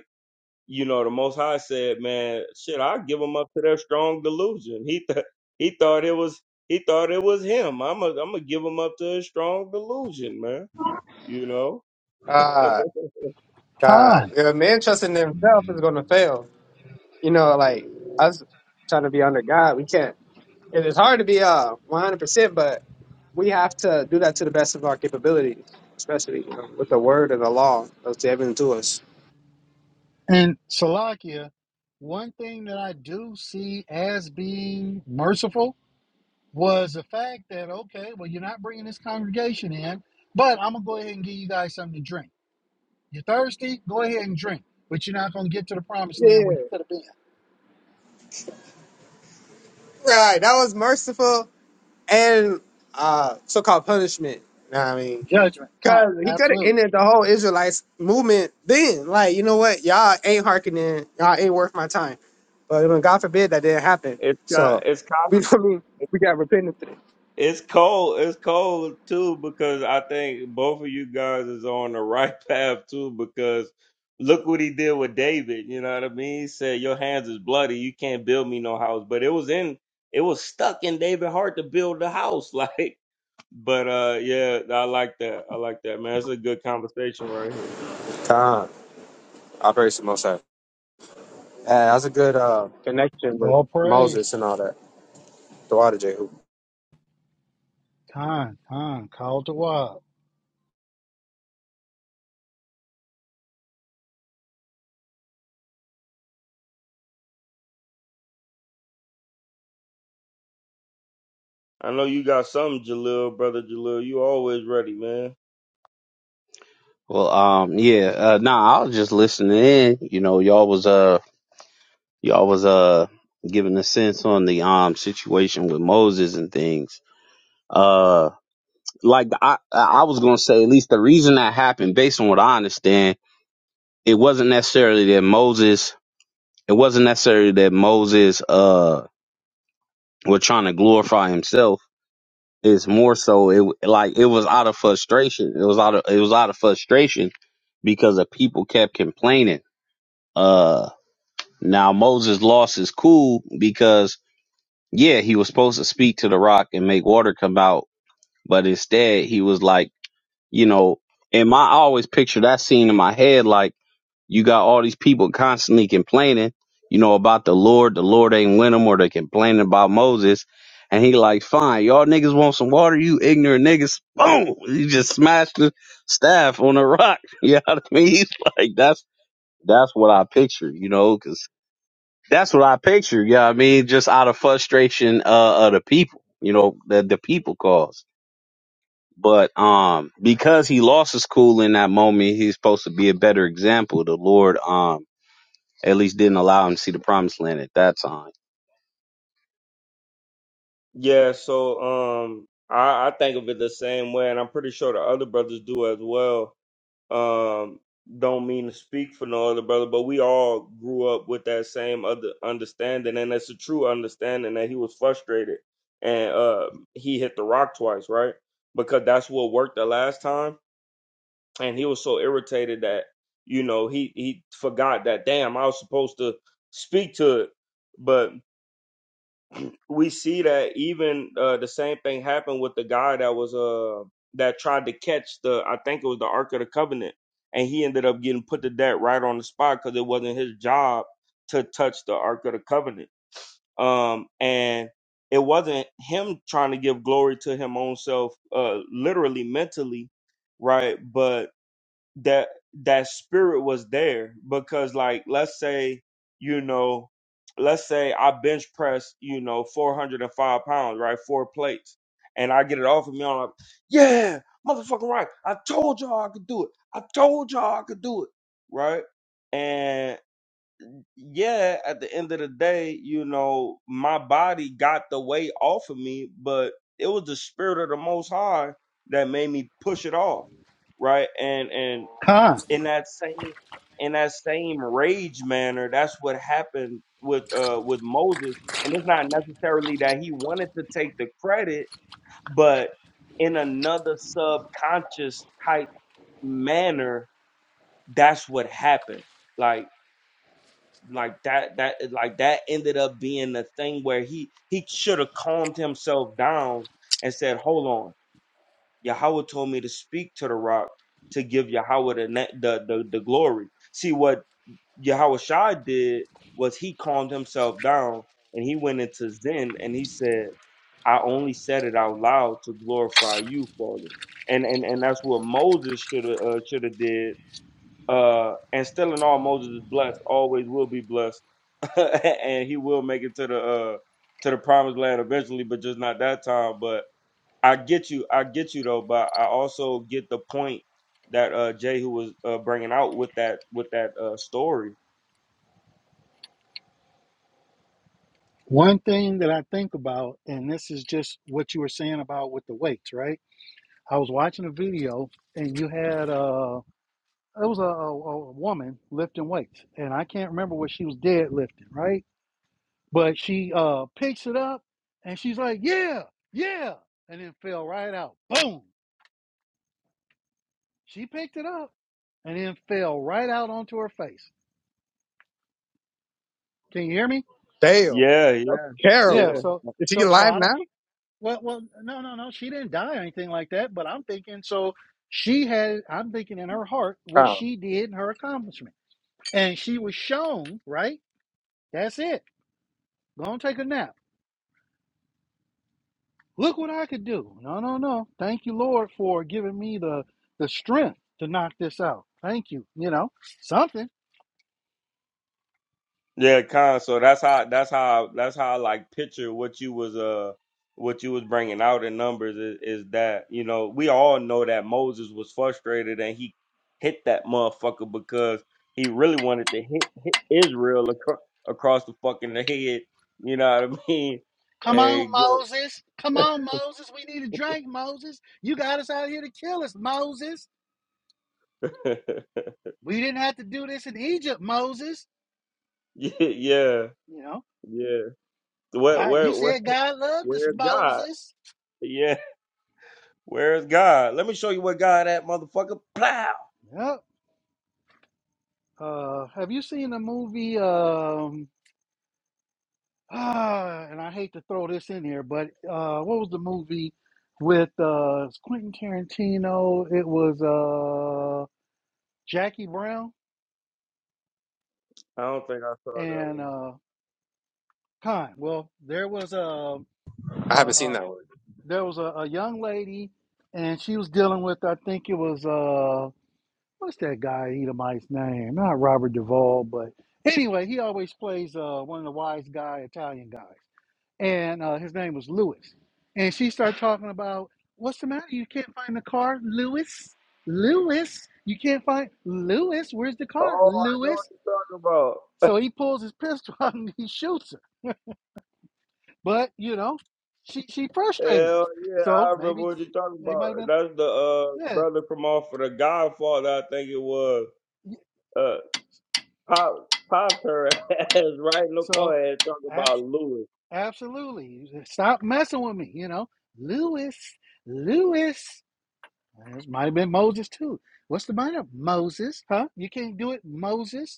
S2: you know, the Most High said, "Man, shit, I give them up to their strong delusion." He th- he thought it was he thought it was him. I'm a, I'm gonna give them up to his strong delusion, man. You know,
S4: God, God,
S3: Kind
S4: if a man trusting himself is going to fail. You know, like us trying to be under God, we can't. It is hard to be uh 100, percent but. we have to do that to the best of our capabilities, especially you know, with the word of the law that's given to us.
S3: and Salakia. One thing that I do see as being merciful was the fact that okay, well, you're not bringing this congregation in, but I'm gonna go ahead and give you guys something to drink. You're thirsty? Go ahead and drink, but you're not gonna get to the promised
S4: Yeah,
S3: land where you could have been.
S4: right. That was merciful and uh, so-called punishment. You know what I mean?
S3: Judgment, con,
S4: Because he could have
S3: absolutely.
S4: ended the whole Israelites movement then. Like, you know what? Y'all ain't hearkening. Y'all ain't worth my time. But when God forbid that didn't happen.
S2: it's kind
S4: So,
S2: it's kind
S4: we
S2: of
S4: I mean? We got repentance today.
S2: it's cold it's cold too because I think both of you guys is on the right path too because look what he did with David. You know what I mean? He said, "Your hands is bloody. You can't build me no house." But it was in it was stuck in David's heart to build the house, like. But uh yeah, I like that. I like that, man. It's a good conversation right here.
S4: God, operation Moshe. Yeah, that was a good uh, connection with
S3: All
S4: Moses
S3: praise,
S4: and all that. The water Jehu.
S3: con, con, call to wild,
S2: I know you got something, Jalil, brother Jalil. You always ready, man.
S1: Well, um, yeah, uh, nah, I was just listening in. You know, y'all was uh y'all was uh giving a sense on the um situation with Moses and things. Uh. like I I was gonna say at least the reason that happened, based on what I understand, it wasn't necessarily that Moses it wasn't necessarily that Moses uh was trying to glorify himself. It's more so it like it was out of frustration. It was out of it was out of frustration because the people kept complaining. Uh now Moses lost his cool because yeah, he was supposed to speak to the rock and make water come out, but instead he was like you know, and my I always picture that scene in my head like you got all these people constantly complaining, you know, about the Lord. The Lord ain't with them, or they complaining about Moses. And he like, fine, y'all niggas want some water, you ignorant niggas. Boom! He just smashed the staff on the rock. You know what I mean? He's like, that's that's what I picture, you know, because that's what I picture. You know what I mean? Just out of frustration uh, of the people, you know, that the people cause. But um, because he lost his cool in that moment, he's supposed to be a better example. The Lord um, at least didn't allow him to see the promised land at that time.
S2: Yeah, so um I, I think of it the same way, and I'm pretty sure the other brothers do as well. Um don't mean to speak for no other brother, but we all grew up with that same other understanding, and it's a true understanding that he was frustrated and uh he hit the rock twice, right? Because that's what worked the last time and he was so irritated that you know he he forgot that damn I was supposed to speak to it. But we see that even uh, the same thing happened with the guy that was uh that tried to catch the I think it was the Ark of the Covenant, and he ended up getting put to death right on the spot because it wasn't his job to touch the Ark of the Covenant. Um and it wasn't him trying to give glory to him own self, uh, literally mentally, right? But that that spirit was there because like let's say you know let's say i bench press you know 405 pounds right four plates and i get it off of me i'm like yeah motherfucking right i told y'all i could do it i told y'all i could do it right and yeah at the end of the day you know my body got the weight off of me but it was the spirit of the most high that made me push it off right and and
S3: con.
S2: in that same in that same rage manner that's what happened with uh with moses and it's not necessarily that he wanted to take the credit but in another subconscious type manner that's what happened like like that that like that ended up being the thing where he he should have calmed himself down and said hold on yahweh told me to speak to the rock to give yahweh the ne- the, the the glory see what Yahweh Shai did was he calmed himself down and he went into Zen and he said, I only said it out loud to glorify you, Father. And and, and that's what Moses should have uh, should have did. Uh, and still in all, Moses is blessed, always will be blessed, and he will make it to the uh, to the promised land eventually, but just not that time. But I get you, I get you though. But I also get the point that uh, Jehu was uh, bringing out with that with that uh, story
S3: One thing that I think about, and this is just what you were saying about with the weights, right? I was watching a video, and you had uh, it was a, a, a woman lifting weights, and I can't remember what she was dead lifting, right? But she uh picks it up and she's like, Yeah, yeah, and then fell right out. Boom. She picked it up and then fell right out onto her face. Can you hear me?
S4: Damn,
S2: Yeah,
S4: that's
S2: yeah,
S3: Yeah,
S2: yeah,
S4: terrible.
S3: so
S4: Is he
S3: so so
S4: alive
S3: I don't
S4: now?
S3: well well no no no she didn't die or anything like that, but I'm thinking so she had I'm thinking in her heart what
S4: Oh,
S3: she did and her accomplishment. And she was shown, right? That's it. Go and take a nap. Look what I could do. No, no, no. Thank you, Lord, for giving me the the strength to knock this out. Thank you. You know, something.
S2: yeah, Con. So that's how that's how that's how I like picture what you was uh what you was bringing out in numbers is, is that you know we all know that Moses was frustrated and he hit that motherfucker because he really wanted to hit, hit Israel across across the fucking head. You know what I mean?
S3: Come on,
S2: And give
S3: Moses. Come on, Moses. We need a drink, Moses. You got us out here to kill us, Moses.
S2: 'em-
S3: We didn't have to do this in Egypt, Moses.
S2: yeah, yeah,
S3: You know,
S2: yeah. Where
S3: God, you
S2: where where
S3: said God loved us,
S2: where's God?
S3: Moses.
S2: Yeah. Where's God? Let me show you where God at, motherfucker. Plow.
S3: Yep. Uh, have you seen the movie? Um, Ah, and I hate to throw this in here, but uh, what was the movie with uh, Quentin Tarantino? It was uh, Jackie Brown
S2: I don't think I saw that
S3: and
S2: one.
S3: uh, Khan. Well, there was a,
S4: I
S3: a,
S4: haven't seen
S3: a
S4: that one.
S3: there was a, a young lady, and she was dealing with I think it was uh, what's that guy Edomite's name? Not Robert Duvall, but anyway, he always plays uh, one of the wise guy Italian guys. and uh, his name was Lewis. And she started talking about what's the matter? You can't find the car, Lewis. Lewis, you can't find Lewis. Where's the car,
S2: Oh, I know what
S3: Lewis?
S2: you're talking about.
S3: So he pulls his pistol out and he shoots her. But you know, she she frustrated him.
S2: Hell yeah, I
S3: So
S2: remember
S3: maybe
S2: what you're talking
S3: they
S2: about.
S3: might have been
S2: That's the uh
S3: yeah.
S2: brother from off of the Godfather, I think it was. Uh pop popped her ass right in the
S3: So
S2: forehead talking
S3: ab-
S2: about Lewis
S3: absolutely, stop messing with me. You know, Lewis, Lewis. This might have been Moses too. What's the matter, Moses? Huh? You can't do it, Moses.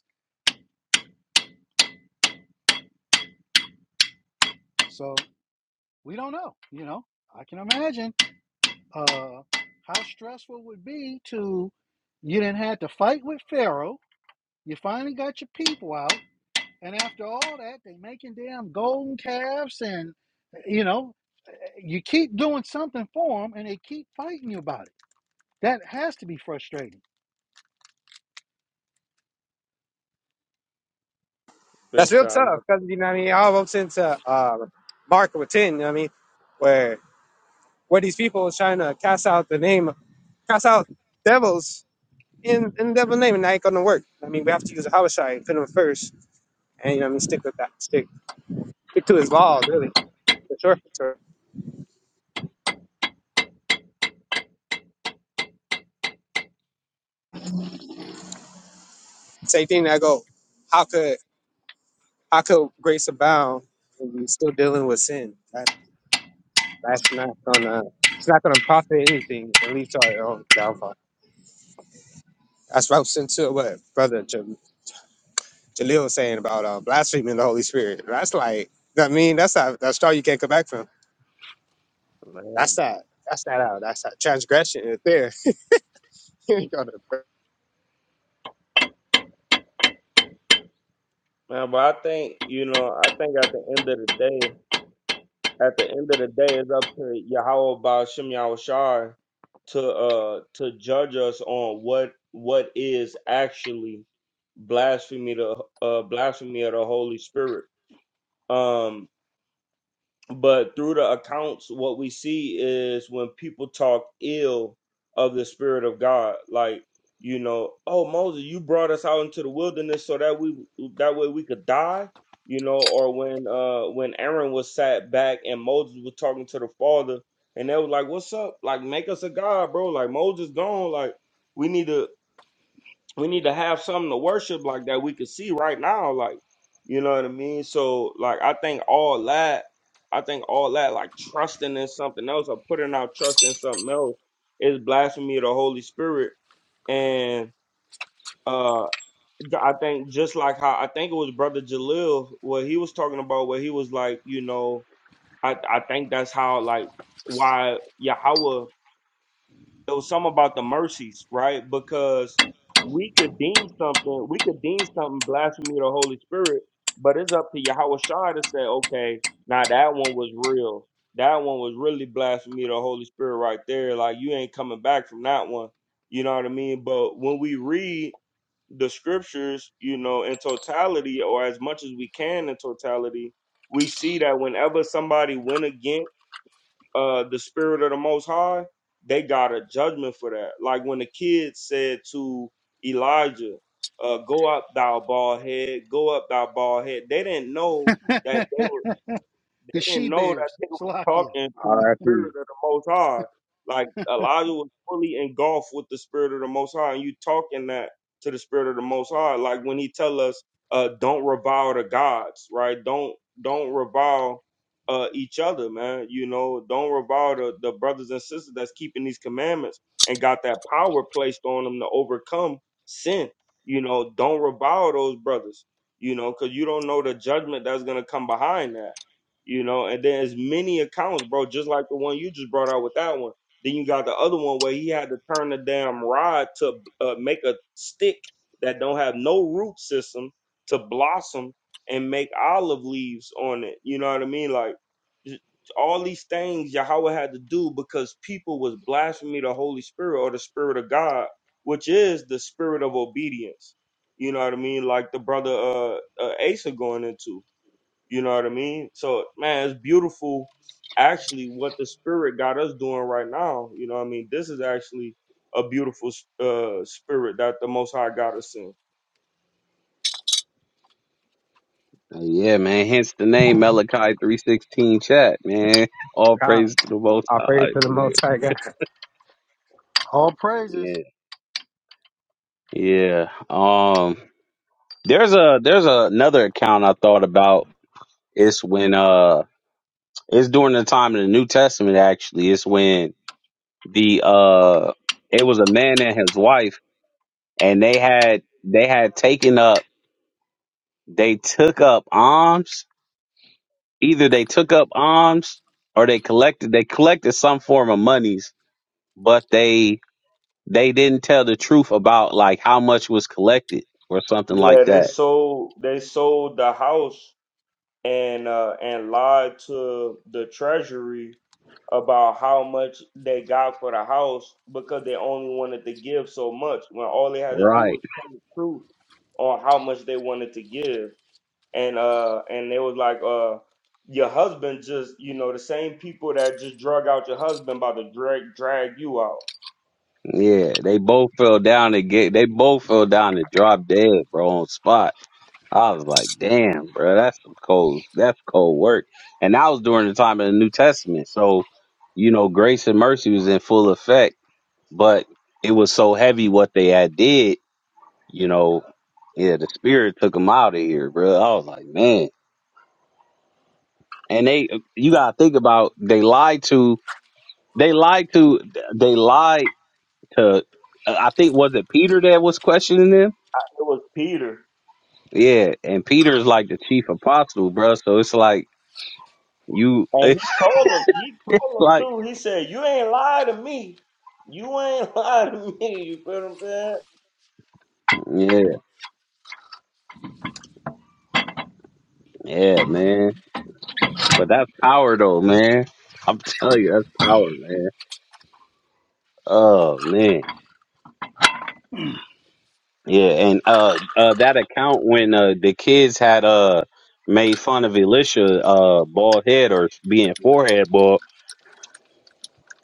S3: So we don't know. You know, I can imagine uh, how stressful it would be to you didn't have to fight with Pharaoh. You finally got your people out, and after all that, they making damn golden calves, and eh, you know, eh, you keep doing something for them, and they keep fighting you about it. That has to be frustrating.
S4: That's
S2: big
S4: real
S2: time. I-
S4: tough because you know what I mean. All up into uh, uh, Mark with ten, you know what I mean, where where these people is trying to cast out the name, cast out devils in in the devil's name, and that ain't gonna work. I mean, we have to use a homicide, put him first, and you know what I mean, stick with that, stick stick to his laws, really, for sure. For sure. Same thing. that I go, how could how could grace abound when we still dealing with sin? right? That's not gonna it's not gonna profit anything and lead to our own downfall. That's ropes into what brother J- Jaleel was saying about uh, blaspheming the Holy Spirit. That's like I mean that's that that straw you can't come back from. That's
S2: Man.
S4: that that's that out. That's that transgression right there. You ain't gonna-
S2: Man, but I think, you know, I think at the end of the day. at the end of the day, it's up to Yahweh about Shem Yahushai to uh to judge us on what what is actually blasphemy to uh blasphemy of the Holy Spirit. Um but through the accounts what we see is when people talk ill of the spirit of god like you know oh moses you brought us out into the wilderness so that we that way we could die you know or when uh when aaron was sat back and moses was talking to the father and they were like what's up like make us a god bro like moses gone like we need to we need to have something to worship like that we can see right now like you know what i mean so like i think all that i think all that like trusting in something else or putting out trust in something else is blasphemy of the holy spirit and uh i think just like how i think it was brother jalil what he was talking about where he was like you know i i think that's how like why yahweh it was something about the mercies, right? Because we could deem something, we could deem something blasphemy of the Holy Spirit, but it's up to Yahweh Shai to say, okay, now that one was real. That one was really blasphemy of the Holy Spirit right there. Like you ain't coming back from that one. You know what I mean? But when we read the scriptures, you know, in totality or as much as we can in totality, we see that whenever somebody went against uh the spirit of the most high they got a judgment for that like when the kid said to elijah uh go up thou bald head go up thou bald head they didn't know that they
S3: the
S2: were they
S3: she
S2: didn't know that
S3: bears,
S2: they was
S3: Salakia.
S2: talking to the
S4: R.I.P.
S2: spirit of the Most High. Like Elijah was fully engulfed with the spirit of the Most High, and you talking that to the spirit of the Most High. Like when he tell us, uh, "Don't revile the gods," right? Don't don't revile uh, each other, man. You know, don't revile the, the brothers and sisters that's keeping these commandments and got that power placed on them to overcome sin. You know, don't revile those brothers. You know, because you don't know the judgment that's gonna come behind that you know. And then as many accounts, bro, just like the one you just brought out with that one. Then you got the other one where he had to turn the damn rod to uh, make a stick that don't have no root system to blossom and make olive leaves on it. You know what I mean? Like j- all these things Yahweh had to do because people was blaspheming the Holy Spirit or the Spirit of God, which is the spirit of obedience. You know what I mean? Like the brother uh, uh Asa going into. You know what I mean? So man, it's beautiful actually what the spirit got us doing right now. You know what I mean? This is actually a beautiful uh spirit that the most high got us in.
S1: Uh, Yeah, man. Hence the name Malachi three sixteen. Chat, man. All praise
S4: Khan.
S1: to the Most
S4: I pray
S1: High.
S4: to the
S1: Man.
S4: Most High God. It
S3: All praises.
S1: Yeah, yeah. Um, there's a there's a, another account I thought about. It's when uh It's during the time in the New Testament, actually. It's when the uh, it was a man and his wife, and they had they had taken up, they took up alms. Either they took up alms or they collected they collected some form of monies, but they they didn't tell the truth about like how much was collected or something like
S2: Yeah, they
S1: that.
S2: sold they sold the house and uh and lied to the treasury about how much they got for the house because they only wanted to give so much when all they had to do
S1: Right.
S2: was tell the truth on how much they wanted to give. and uh and they was like uh your husband just you know the same people that just drug out your husband about to drag drag you out
S1: Yeah, they both fell down and get they both fell down and dropped dead, bro, on spot. I was like, damn, bro, that's some cold, that's cold work. And that was during the time of the New Testament. So, you know, grace and mercy was in full effect, but it was so heavy what they had did, you know, yeah, the spirit took them out of here, bro. I was like, man. And they, you gotta think about, they lied to, they lied to, they lied to, I think, was it Peter that was questioning them?
S2: it was peter
S1: Yeah. And Peter's like the chief apostle, bro. So it's like, you,
S2: and he told him he told him too he said you ain't lie to me you ain't lie to me you feel what i'm saying
S1: Yeah, yeah, man. But that's power though, man. I'm telling you, that's power, man. Oh man. Yeah, and uh uh that account when uh the kids had uh made fun of Elisha uh bald head or being forehead bald,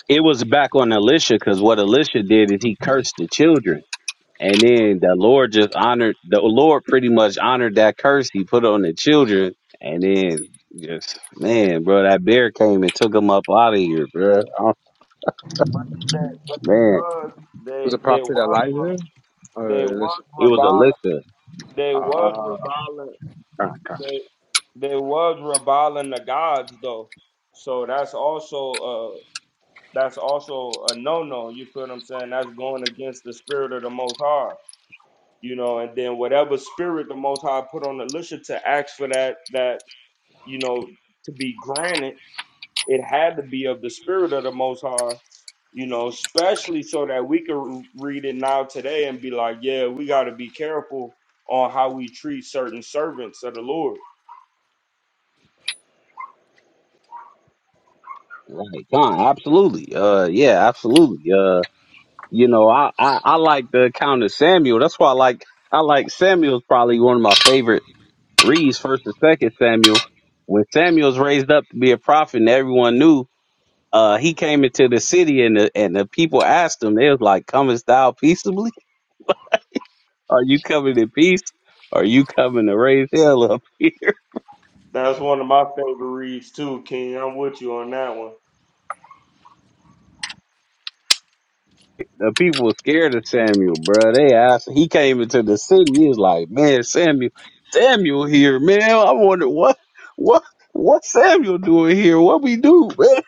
S1: it was back on Elisha because what Elisha did is he cursed the children. And then the Lord just honored the Lord pretty much honored that curse he put on the children and then just man, bro, that bear came and took him up out of here, bro.
S2: but that but they
S1: man
S2: was
S4: was
S2: they
S4: a problem.
S2: they was re- they was
S1: it was
S2: reviling
S1: elixir
S2: they was reviling they they was reviling the gods though so that's also uh, that's also a no no. You feel what I'm saying? That's going against the spirit of the Most High, you know. And then whatever spirit the Most High put on Elisha to ask for that that you know to be granted, it had to be of the spirit of the Most High, you know. Especially so that we can read it now today and be like, yeah, we got to be careful on how we treat certain servants of the Lord.
S1: right Con, absolutely uh yeah absolutely uh you know i i, I like the account of samuel that's why i like i like samuel's probably one of my favorite reads first and second samuel when samuel's raised up to be a prophet and everyone knew uh he came into the city and the and the people asked him they was like comest thou peaceably are you coming in peace are you coming to raise hell up
S2: That's one of my favorite reads too, King. I'm with you on that one.
S1: The people were scared of Samuel, bro. They asked. He came into the city. He was like, "Man, Samuel, Samuel here, man. I wonder what, what, what Samuel doing here? What we do, man?"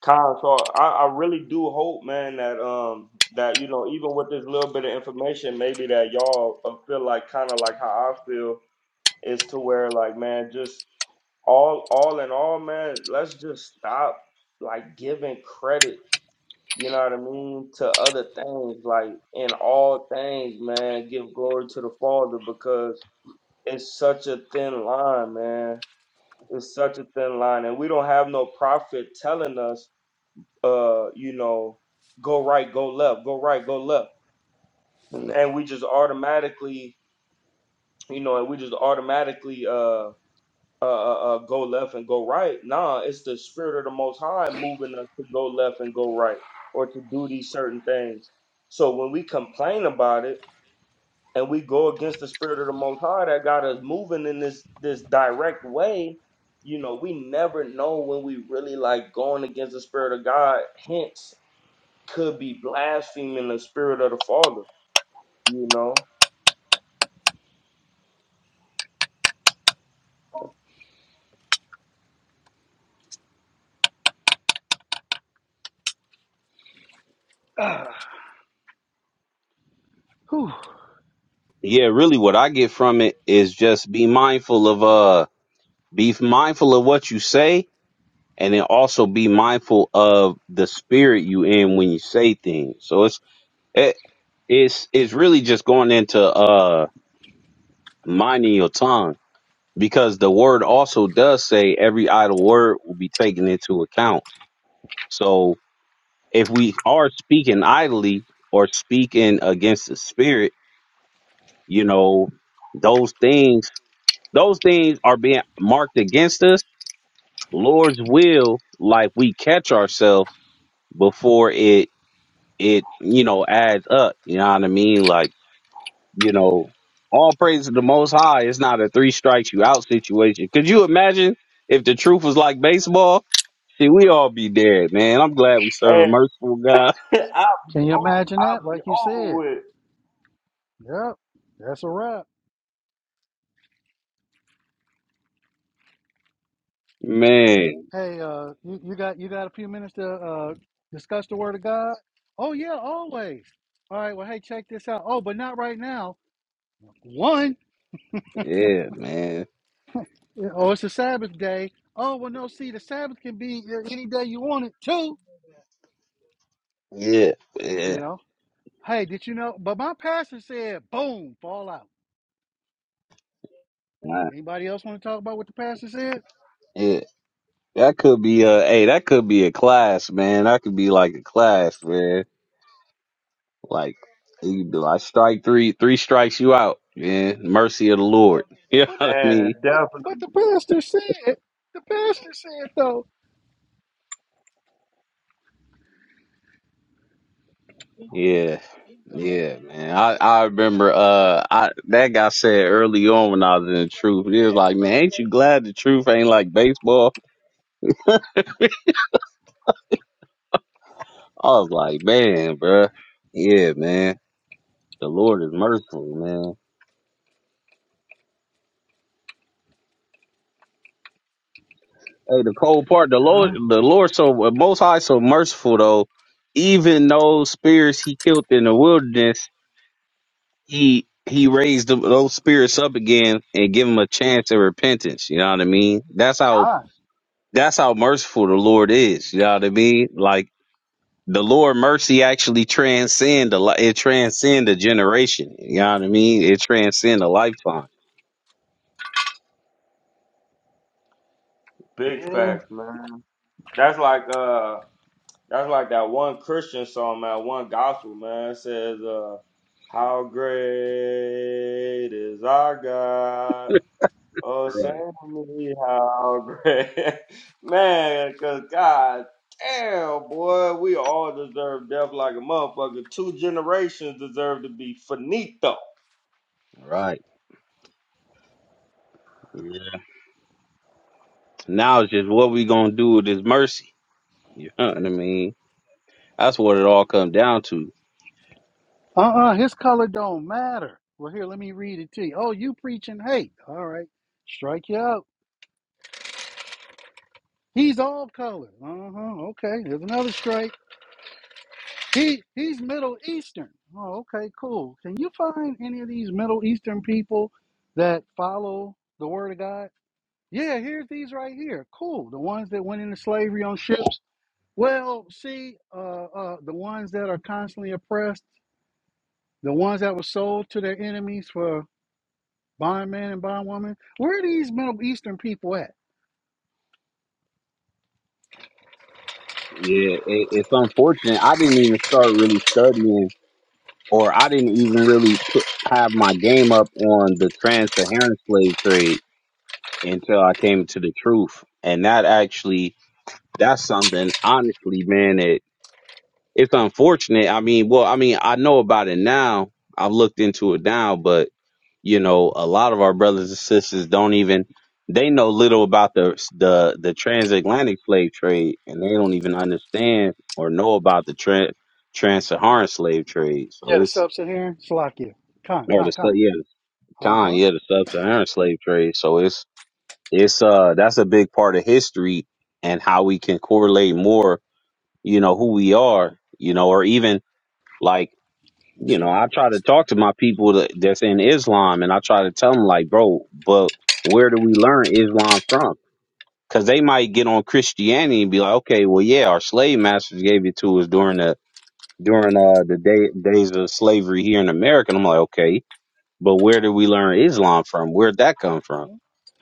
S2: Kyle, so I, I really do hope, man, that um that you know even with this little bit of information, maybe that y'all uh, feel like kind of like how I feel is to where like man, just all all in all, man, let's just stop like giving credit, you know what I mean, to other things. Like in all things, man, give glory to the Father because it's such a thin line, man. It's such a thin line, and we don't have no prophet telling us uh, you know, go right, go left, go right, go left. And we just automatically, you know, and we just automatically uh uh, uh, uh, go left and go right. Nah, it's the spirit of the Most High moving us to go left and go right, or to do these certain things. So when we complain about it and we go against the spirit of the Most High that got us moving in this this direct way, you know, we never know when we really like going against the spirit of God. Hence, could be blaspheming the spirit of the Father, you know?
S3: Ah, whew.
S1: Yeah, really. What I get from it is just be mindful of, uh, be mindful of what you say, and then also be mindful of the spirit you in when you say things. So it's it, it's it's really just going into uh minding your tongue because the word also does say every idle word will be taken into account. So if we are speaking idly or speaking against the spirit, you know, those things, those things are being marked against us. Lord's will, like we catch ourselves before it, it, you know, adds up. You know what I mean? Like, you know, all praise to the most high. It's not a three strikes you out situation. Could you imagine if the truth was like baseball? See, we all be there, man. I'm glad we serve a
S2: And
S1: merciful God.
S2: I'll be
S3: Can you
S2: over,
S3: imagine that?
S2: I'll be
S3: Like you
S2: over
S3: said.
S2: with,
S3: Yep. That's a wrap.
S1: Man,
S3: Hey, uh, you, you got you got a few minutes to uh, discuss the Word of God? Oh yeah, always. All right. Well, hey, check this out. Oh, but not right now. One,
S1: yeah, man.
S3: oh, it's a Sabbath day. Oh, well, no. See, the Sabbath can be uh, any day you want it. Two,
S1: Yeah,
S3: you
S1: yeah,
S3: know. Hey, did you know? But my pastor said, boom, fall out.
S1: nah,
S3: Anybody else want to talk about what the pastor said?
S1: yeah. That could be a, hey, that could be a class, man. That could be like a class, man. Like, you could be like strike three, three strikes you out, man. Mercy of the Lord. You
S3: But
S1: know
S3: my,
S1: what I
S2: man.
S1: mean?
S3: but but
S2: Definitely.
S3: the pastor said. The pastor said though.
S1: Yeah. Yeah, man. I, I remember uh I that guy said early on when I was in the truth, he was like, Man, ain't you glad the truth ain't like baseball? I was like, man, bruh. yeah, man. The Lord is merciful, man. Hey, the cold part, the Lord,
S3: Huh?
S1: the Lord, so uh, Most High, so merciful though. Even those spirits he killed in the wilderness, he he raised them, those spirits up again and give them a chance of repentance. You know what I mean? That's how
S3: God,
S1: that's how merciful the Lord is. You know what I mean? Like the Lord mercy actually transcend the li- it transcend a generation. You know what I mean? It transcend a lifetime.
S2: Big
S3: yeah.
S2: facts, man. That's like, uh, that's like that one Christian song, man, one gospel, man. It says, uh, how great is our God? Oh, send
S1: Right.
S2: me how great. Man, because God damn, boy, we all deserve death like a motherfucker. Two generations deserve to be finito.
S1: Right. Now it's just what we gonna do with this mercy. You know what I mean? That's what it all comes down to.
S3: Uh-uh, his color don't matter. Well, here, let me read it to you. Oh, you preaching hate. All right, strike you out. He's all color. Uh-huh. Okay, here's another strike. He he's Middle Eastern. Oh, okay, cool. Can you find any of these Middle Eastern people that follow the word of God? Yeah, here's these right here. Cool. The ones that went into slavery on ships. Well, see, uh, uh, the ones that are constantly oppressed, the ones that were sold to their enemies for bond man and bond woman. Where are these Middle Eastern people at?
S1: Yeah, it, it's unfortunate. I didn't even start really studying, or I didn't even really put, have my game up on the trans-Saharan slave trade until I came to the truth. And that actually, that's something, honestly, man. It it's unfortunate. I mean, well, I mean, I know about it now. I've looked into it now, but you know a lot of our brothers and sisters don't even they know little about the the the transatlantic slave trade and they don't even understand or know about the trans trans-saharan slave trade
S3: Yeah,
S1: so
S3: the
S1: it's
S3: sub-Saharan Salakia. Con,
S1: or the
S3: con,
S1: sub-
S3: con.
S1: yeah the
S3: Uh
S1: con
S3: huh.
S1: yeah the sub-saharan slave trade so it's it's uh that's a big part of history and how we can correlate more you know who we are you know or even like you know, I try to talk to my people that, that's in Islam, and I try to tell them like, bro, but where do we learn Islam from? Because they might get on Christianity and be like, okay, well, yeah, our slave masters gave it to us during the during uh, the day, days of slavery here in America. And I'm like, okay, but where did we learn Islam from? Where'd that come from?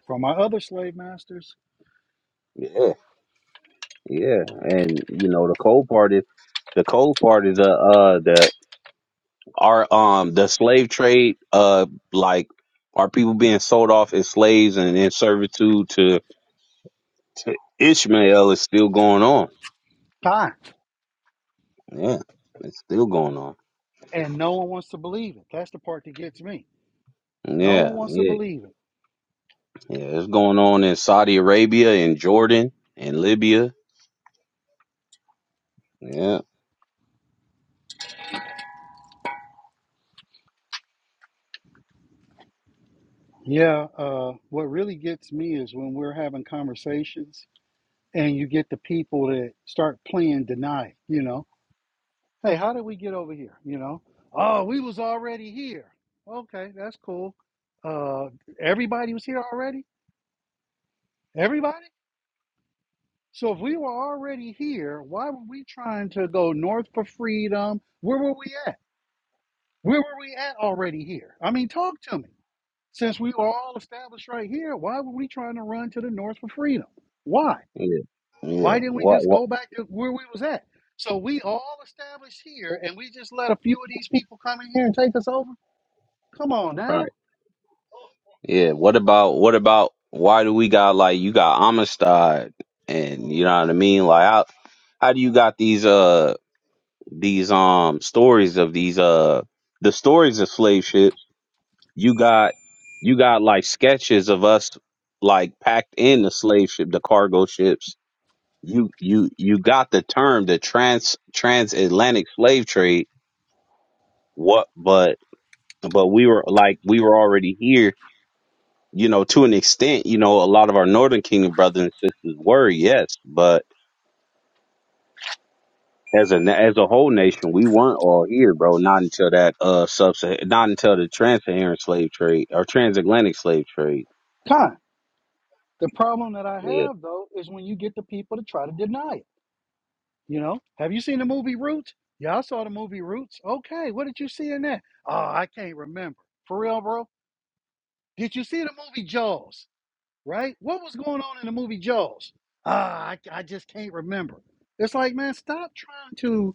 S3: From my other slave masters,
S1: Yeah, yeah, and you know, the cold part is the cold part is uh, uh the Are um the slave trade uh like are people being sold off as slaves and in servitude to to Ishmael is still going on.
S3: con.
S1: Yeah, it's still going on.
S3: And no one wants to believe it. That's the part that gets me. No one
S1: Yeah,
S3: wants to
S1: yeah,
S3: believe it.
S1: yeah. It's going on in Saudi Arabia and Jordan and Libya. Yeah,
S3: Yeah. Uh, what really gets me is when we're having conversations and you get the people that start playing deny. You know, hey, how did we get over here? You know, oh, we was already here. Okay, that's cool. Uh, everybody was here already Everybody? So if we were already here, why were we trying to go north for freedom? Where were we at? Where were we at already here? I mean, talk to me. Since we were all established right here, why were we trying to run to the north for freedom? Why?
S1: yeah, yeah.
S3: Why didn't we
S1: What?
S3: just
S1: What?
S3: go back to where we was at? So we all established here and we just let a few of these people come in here and take us over? Come on now.
S1: Right. Yeah. What about? What about? Why do we got like you got Amistad and you know what I mean? Like how how do you got these? uh? these um stories of these uh the stories of slave ships you got you got like sketches of us like packed in the slave ship the cargo ships you you you got the term the trans transatlantic slave trade what but but we were like we were already here you know to an extent you know a lot of our northern kingdom brothers and sisters were yes but as a na- as a whole nation, we weren't all here, bro. Not until that uh sub not until the trans-Saharan slave trade or transatlantic slave trade.
S3: Con. The problem that I
S1: Yeah,
S3: have though is when you get the people to try to deny it. You know, have you seen the movie Roots? Yeah, I saw the movie Roots. Okay, what did you see in that? Oh, I can't remember. For real, bro. Did you see the movie Jaws? Right? What was going on in the movie Jaws? Ah, I, I just can't remember. It's like, man, stop trying to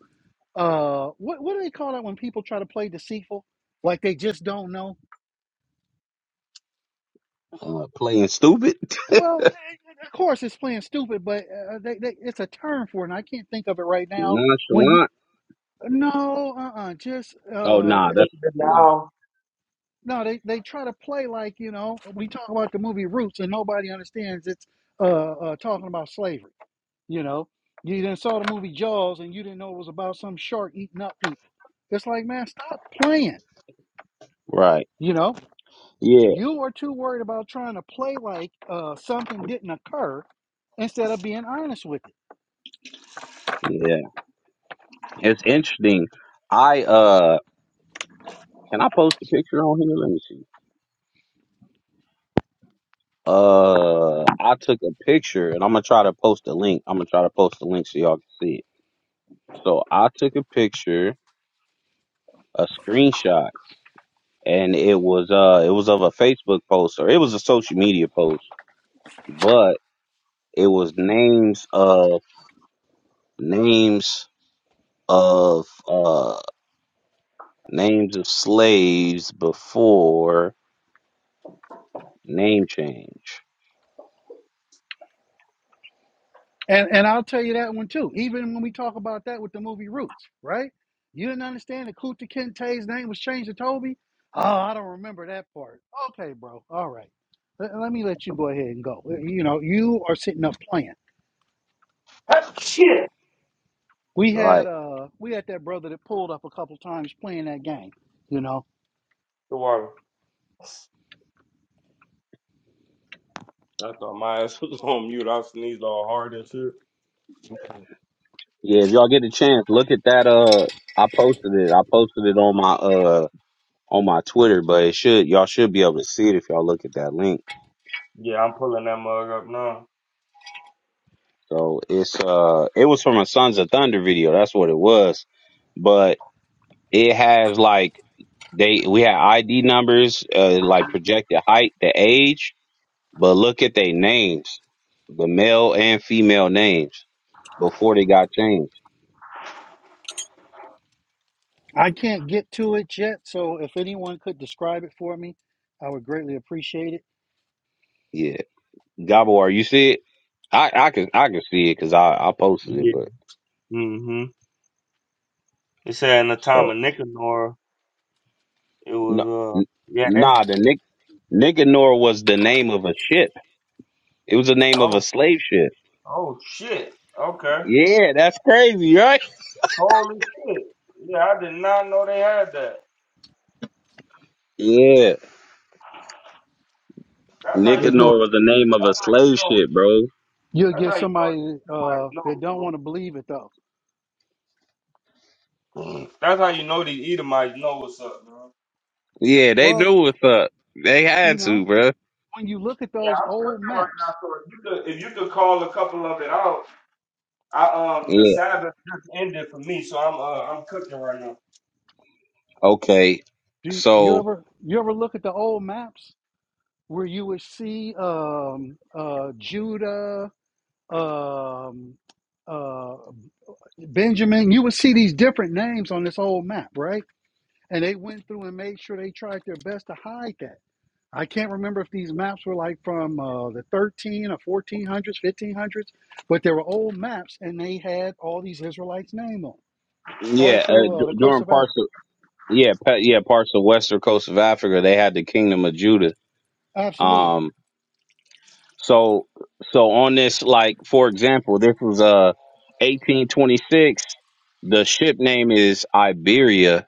S3: uh, what what do they call that when people try to play deceitful, like they just don't know?
S1: uh, playing stupid,
S3: Well, eh, eh, of course it's playing stupid, but uh, they, they, it's a term for it, and I can't think of it right now. When you
S1: nonchalant.
S3: no, uh, uh just
S1: Oh
S3: uh,
S1: nah, that's nah.
S3: No, they, they try to play like, you know, we talk about the movie Roots and nobody understands it's uh, uh, talking about slavery. You know, you didn't saw the movie Jaws and you didn't know it was about some shark eating up people. It's like, man, stop playing.
S1: Right.
S3: You know,
S1: Yeah,
S3: you are too worried about trying to play like uh, something didn't occur instead of being honest with it.
S1: yeah. It's interesting. I uh, can I post a picture on here? Let me see. Uh, I took a picture, and I'm gonna try to post a link. I'm gonna try to post a link so y'all can see it. So I took a picture, a screenshot and it was uh it was of a Facebook post or it was a social media post, but it was names of names of uh names of slaves before name change.
S3: And and I'll tell you that one too. Even when we talk about that with the movie Roots, right? You didn't understand that Kunta Kinte's name was changed to Toby. Oh, I don't remember that part. Okay, bro. All right. Let, let me let you go ahead and go. You know, you are sitting up playing.
S2: That shit.
S3: We had
S1: Right.
S3: uh we had that brother that pulled up a couple times playing that game, you know.
S2: The water. I thought my ass was on mute. I sneezed all hard and shit.
S1: Yeah, if y'all get a chance, look at that uh I posted it. I posted it on my uh on my Twitter, but it should y'all should be able to see it if y'all look at that link.
S2: Yeah, I'm pulling that mug up now.
S1: So it's uh it was from a Sons of Thunder video, that's what it was. But It has like they we had ID numbers, uh, like projected height, the age, but look at their names, the male and female names before they got changed.
S3: I can't get to it yet, so if anyone could describe it for me, I would greatly appreciate it.
S1: Yeah, Gabo, are you see it? I I can I can see it because I I posted it,
S2: Yeah.
S1: but
S2: hmm It said in the time
S1: so
S2: of Nicanor, it was,
S1: no,
S2: uh,
S1: n-
S2: yeah, they
S1: nah, the Nick Nicanor was the name of a ship. It was the name of
S2: oh,
S1: a slave ship.
S2: oh, shit. Okay.
S1: Yeah, that's crazy, right?
S2: Holy shit. Yeah, I did not know they had that.
S1: Yeah,
S2: That's how
S3: You'll
S2: you know.
S1: Nicanor
S3: get
S1: was the name of a
S2: That's how you
S1: slave
S2: know.
S1: ship, bro.
S3: you'll
S2: That's how
S3: get
S2: you know these
S3: somebody
S2: Edomites
S3: uh that don't
S2: know,
S3: want to believe it though.
S2: bro. That's how you know these Edomites know what's up, man.
S1: Yeah, they
S3: Well,
S1: knew what's up. They
S3: you
S1: had
S3: know,
S1: to, bruh.
S3: when you look at
S2: Yeah,
S3: those
S2: I'm
S3: old
S2: cooking right now,
S3: maps,
S2: so if you could, if you could call a couple of it out, I um the
S1: Yeah.
S2: Sabbath just ended for me, so I'm uh I'm cooking right now.
S1: Okay.
S3: do you
S1: So
S3: ever you ever look at the old maps where you would see um, uh, Judah, um, uh, Benjamin? You would see these different names on this old map, right? And they went through and made sure they tried their best to hide that. I can't remember if these maps were like from uh, the 13 or 1400s, 1500s, but they were old maps and they had all these Israelites' names on 'em, all
S1: yeah, uh,
S3: through uh, the
S1: d-
S3: coast
S1: during
S3: of
S1: parts
S3: Africa.
S1: of yeah, pa- yeah, parts of western coast of Africa, they had the kingdom of Judah.
S3: Absolutely.
S1: Um. So so on this, like for example, this was uh 1826. The ship name is Iberia.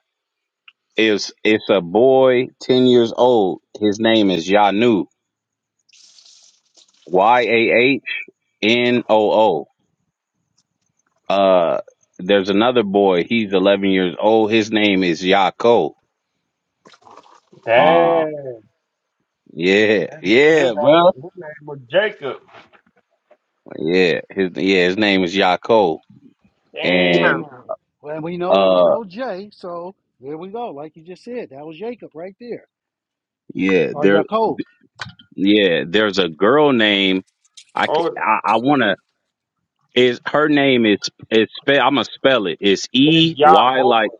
S1: It's it's a boy ten years old. His name is Yanu. Y a h n o o. Uh, there's another boy. He's 11 years old. His name is Yako. Um,
S2: Damn, his
S1: yeah,
S2: his
S1: yeah,
S2: name
S1: bro.
S2: was, his name was Jacob.
S1: Yeah, his yeah, his name is Yako.
S2: Damn,
S3: Yeah.
S1: And
S3: Well, we know there was
S1: uh,
S3: no J, so there we go. Like you just said, that was Jacob right there,
S1: yeah,
S3: or
S1: there,
S3: Yaakov.
S1: yeah, there's a girl name. I ca-
S2: oh
S1: I, I wanna is her name is is spell. I'm gonna spell it. It's
S2: it's
S1: E Y
S2: Yahweh.
S1: like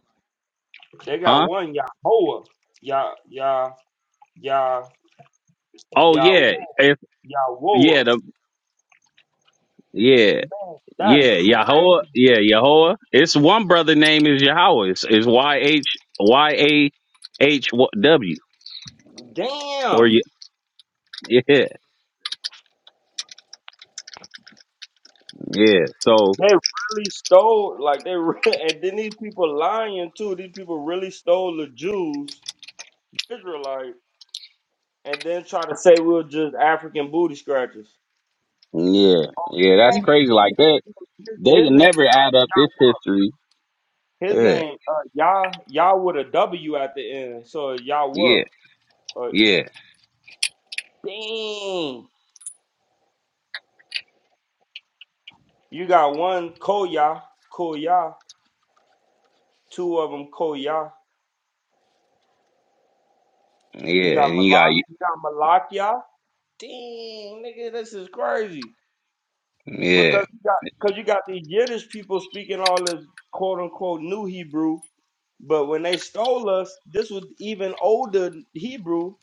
S2: They got
S1: huh?
S2: one Yahweh, Yah Yah Yah
S1: Oh yeah,
S2: Yahweh,
S1: if yeah
S2: Yahweh.
S1: the yeah.
S2: Man, That's
S1: Yeah,
S2: crap.
S1: Yahweh. Yeah, Yahweh. It's one brother name is Yahweh. It's, it's Y H Y A H W or
S2: Damn.
S1: Ye- yeah, yeah. So
S2: They really stole, like, they, re- and then these people lying too. These people really stole the Jews, Israelite, and then try to say we were just African booty scratchers.
S1: yeah, yeah. That's
S3: We,
S1: crazy. Like that,
S2: His
S1: they they
S2: his
S1: can
S2: name,
S1: never add up this history.
S2: his
S1: Yeah,
S2: name, uh, Yah, Yah with a W at the end. So Yahweh.
S1: yeah,
S2: Uh,
S1: yeah,
S2: dang. You got one Koya, Koya, two of them Koya. You
S1: yeah.
S2: got
S1: And you got
S2: Malak, you got Malakia. Dang, nigga, this is crazy.
S1: yeah,
S2: Because you got because you got these Yiddish people speaking all this quote unquote new Hebrew, but when they stole us, this was even older Hebrew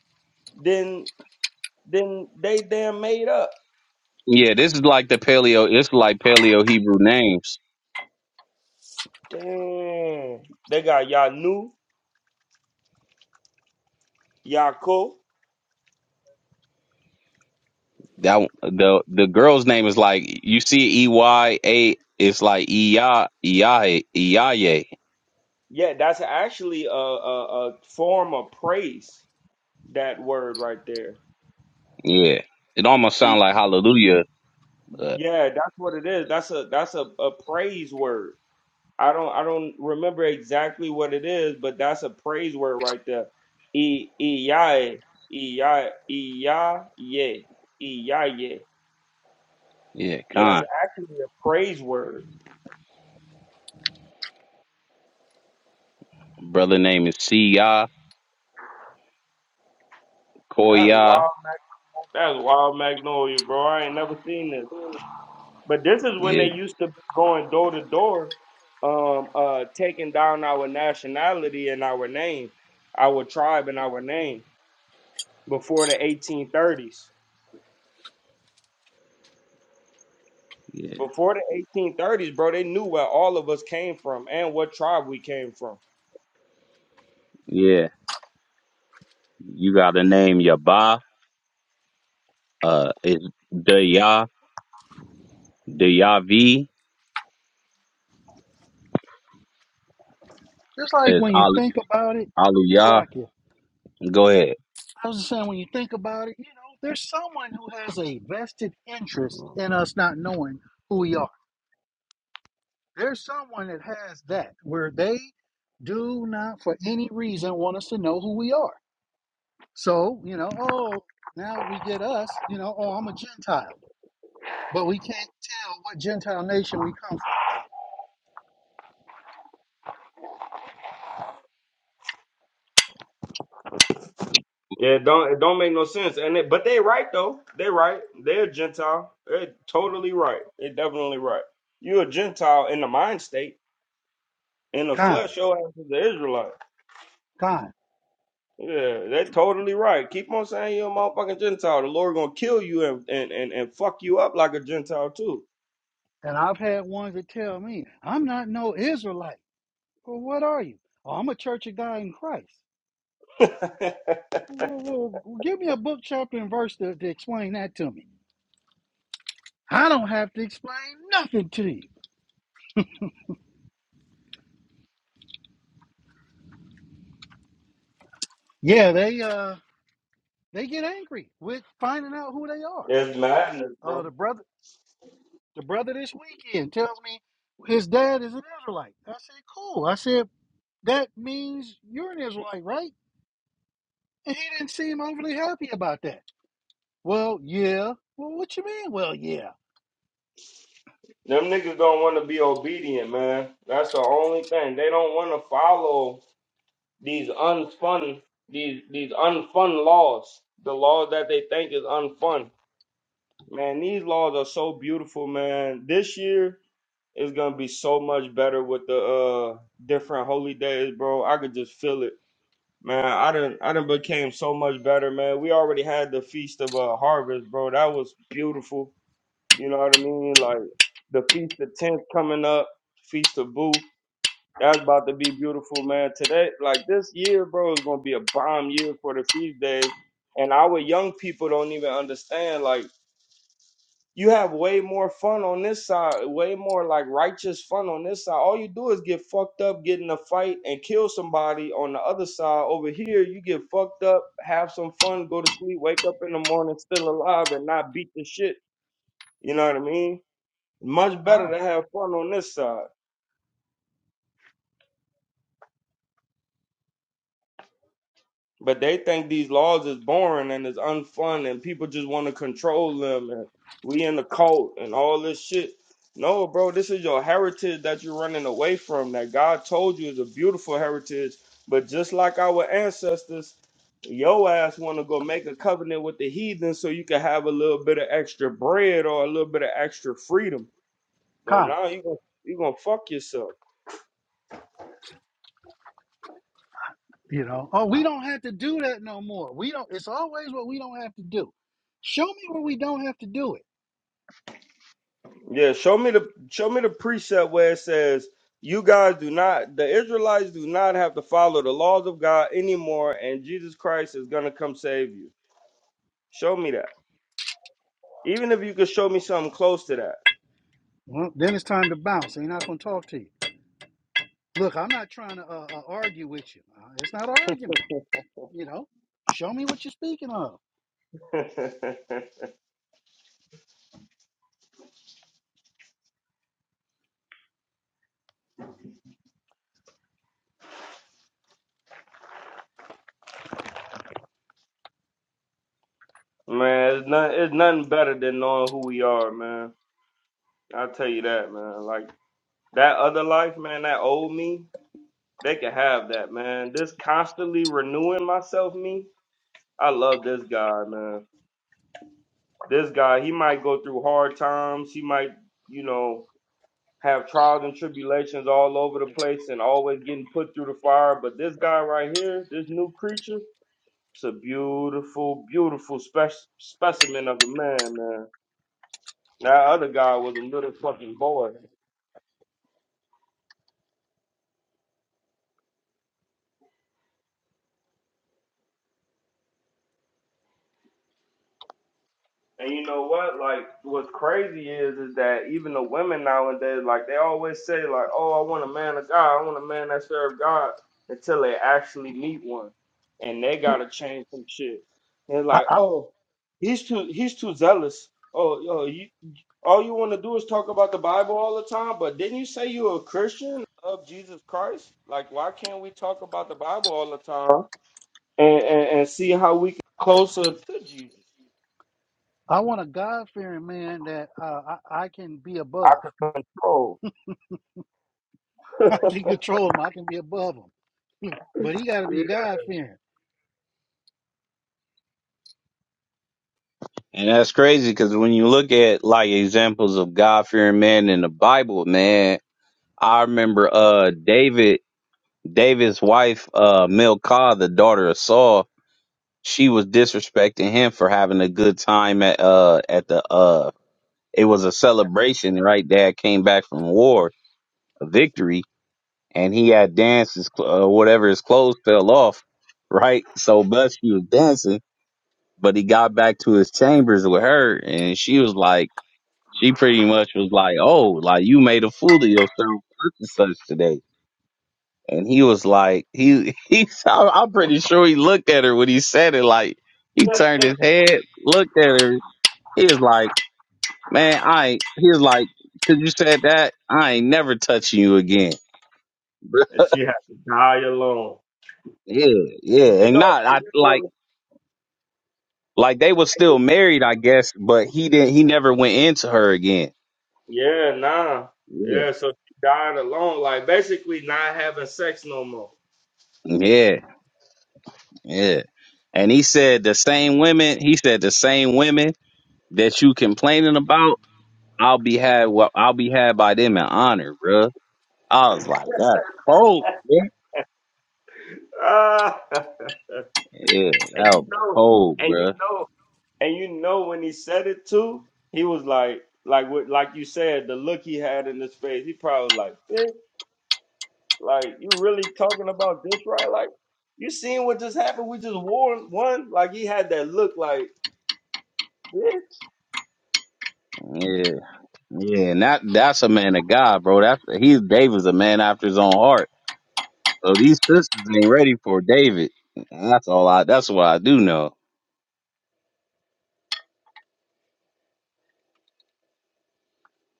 S2: than than they damn made up.
S1: yeah. This is like the paleo. It's like paleo Hebrew names.
S2: Damn, They got Yah Nu, Yaakov.
S1: That the the girl's name is like you see E Y A. It's like Iya Iya Iyaye.
S2: Yeah, that's actually a, a, a form of praise, that word right there.
S1: Yeah, it almost sounds
S2: E-
S1: like hallelujah. But
S2: Yeah, that's what it is. That's a that's a, a praise word. I don't I don't remember exactly what it is, but that's a praise word right there. E Iyaye. Iya Iyaye. Iyaye.
S1: yeah,
S2: Yeah, that's
S1: Khan.
S2: actually a praise word.
S1: Brother name is Siya
S2: That's
S1: Koya.
S2: wild that's wild magnolia, bro. I ain't never seen this. But this is when
S1: Yeah,
S2: they used to be going door to door, um, uh taking down our nationality and our name, our tribe and our name before the eighteen thirties.
S1: yeah,
S2: Before the 1830s, bro, they knew where all of us came from and what tribe we came from.
S1: yeah. You got a name Yaba. Uh, it's Daya Dayavi.
S3: just like
S1: It's
S3: when you
S1: Al-
S3: think about it,
S1: Aliyah.
S3: Salakia.
S1: Go ahead.
S3: I was just saying, when you think about it, you know, there's someone who has a vested interest in us not knowing who we are. There's someone that has that, where they do not, for any reason, want us to know who we are. So, you know, oh, now we get us, you know, oh, I'm a Gentile, but we can't tell what Gentile nation we come from.
S2: Yeah, it don't it don't make no sense. And it, but they right though. They right. They're a Gentile. They're totally right. They're definitely right. You're a Gentile in the mind state. In the
S3: Kind,
S2: flesh, your ass is an Israelite.
S3: kind.
S2: Yeah, they're totally right. Keep on saying you're a motherfucking Gentile. The Lord gonna kill you and and and, and fuck you up like a Gentile too.
S3: And I've had ones that tell me, I'm not no Israelite. Well, what are you? Oh, I'm a church of God in Christ. Well, well, well, give me a book, chapter, and verse to, to explain that to me. I don't have to explain nothing to you. Yeah, they uh they get angry with finding out who they are.
S2: It's madness,
S3: Uh
S2: bro.
S3: the brother the brother this weekend tells me his dad is an Israelite. I said, Cool. I said, that means you're an Israelite, right? And he didn't seem overly happy about that. Well, yeah. Well, what you mean? Well, yeah.
S2: Them niggas don't want to be obedient, man. That's the only thing. They don't want to follow these unfun, these these unfun laws. The laws that they think is unfun. Man, these laws are so beautiful, man. This year is gonna be so much better with the uh different holy days, bro. I could just feel it, man. I done I done became so much better, man. We already had the feast of uh, harvest, bro. That was beautiful you know what I mean? Like the Feast of Tenth coming up, Feast of Booth. That's about to be beautiful, man. Today, like this year, bro, is gonna be a bomb year for the feast days. And our young people don't even understand. Like you have way more fun on this side, way more like righteous fun on this side. All you do is get fucked up, get in a fight, and kill somebody on the other side. Over here, you get fucked up, have some fun, go to sleep, wake up in the morning still alive, and not beat the shit. You know what I mean? Much better
S3: Kind,
S2: to have fun on this side. But they think these laws is boring and it's unfun and people just want to control them and we in the cult and all this shit. No, bro, this is your heritage that you're running away from that God told you is a beautiful heritage. But just like our ancestors, your ass want to go make a covenant with the heathen so you can have a little bit of extra bread or a little bit of extra freedom. But
S3: kind.
S2: now you gonna you gonna fuck yourself.
S3: You know. Oh, we don't have to do that no more. We don't. It's always what we don't have to do. Show me where we don't have to do it.
S2: Yeah, show me the show me the precept where it says you guys do not the Israelites do not have to follow the laws of God anymore and Jesus Christ is gonna come save you. Show me that. Even if you could show me something close to
S3: Well, then it's time to bounce. Ain't not gonna talk to you. Look, I'm not trying to uh, uh, argue with you. Uh, it's not an argument. You know. Show me what you're speaking of.
S2: that. man, it's, not, it's nothing better than knowing who we are, man. I'll tell you that, man. Like that other life, man, that old me, they can have that, man. This constantly renewing myself me. I love this guy, man. This guy, he might go through hard times. He might, you know, have trials and tribulations all over the place and always getting put through the fire. But this guy right here, this new creature, it's a beautiful, beautiful spec- specimen of a man, man. That other guy was a little fucking boy. And you know what? Like, what's crazy is is that even the women nowadays, like, they always say, like, "Oh, I want a man of God. I want a man that serve God." Until they actually meet one, and they gotta change some shit. They're
S3: I,
S2: like,
S3: I,
S2: "Oh, he's too he's too zealous. Oh, yo, you all you want to do is talk about the Bible all the time. But didn't you say you're a Christian of Jesus Christ? Like, why can't we talk about the Bible all the time and and, and see how we get closer to Jesus?"
S3: I want a God fearing man that uh, I, I can be above.
S2: Oh.
S3: I can control him. I can be above him. But he got to be God fearing.
S1: And that's crazy because when you look at like examples of God fearing men in the Bible, man, I remember uh David, David's wife, uh Milcah, the daughter of Saul. she was disrespecting him for having a good time at uh at the uh it was a celebration right dad came back from war a victory and he had dances uh, whatever his clothes fell off right so but she was dancing but he got back to his chambers with her and she was like she pretty much was like oh like you made a fool of yourself such and such today and he was like he he I'm I'm pretty sure he looked at her when he said it like he turned his
S2: and
S1: head, looked at her, He was like, man, I ain't, he was like, cause you said that, I ain't never touching you again. Bruh.
S2: she had to die alone.
S1: Yeah, yeah.
S2: You
S1: And
S2: know,
S1: not, I
S2: and you
S1: like,
S2: know.
S1: like they was still married, I guess, but he didn't, he never went into her again.
S2: Yeah, nah.
S1: Yeah.
S2: Yeah, so she died alone, like basically not having sex no more.
S1: Yeah, yeah. And he said the same women, he said the same women that you complaining about, I'll be had, well, I'll be had by them in honor, bruh. I was like, that's cold, man.
S2: Ah, and
S1: Yeah, that
S2: you
S1: was
S2: know,
S1: cold,
S2: and you
S1: bruh.
S2: know, and you know when he said it too, he was like, like what, like you said, the look he had in his face, he probably like, "Bitch, like you really talking about this right? Like you seen what just happened? We just won, won. Like he had that look, like, "Bitch."
S1: Yeah. Yeah, and that that's a man of God, bro. That's he's David's a man after his own heart. So these sisters ain't ready for David. That's all I that's what I do know.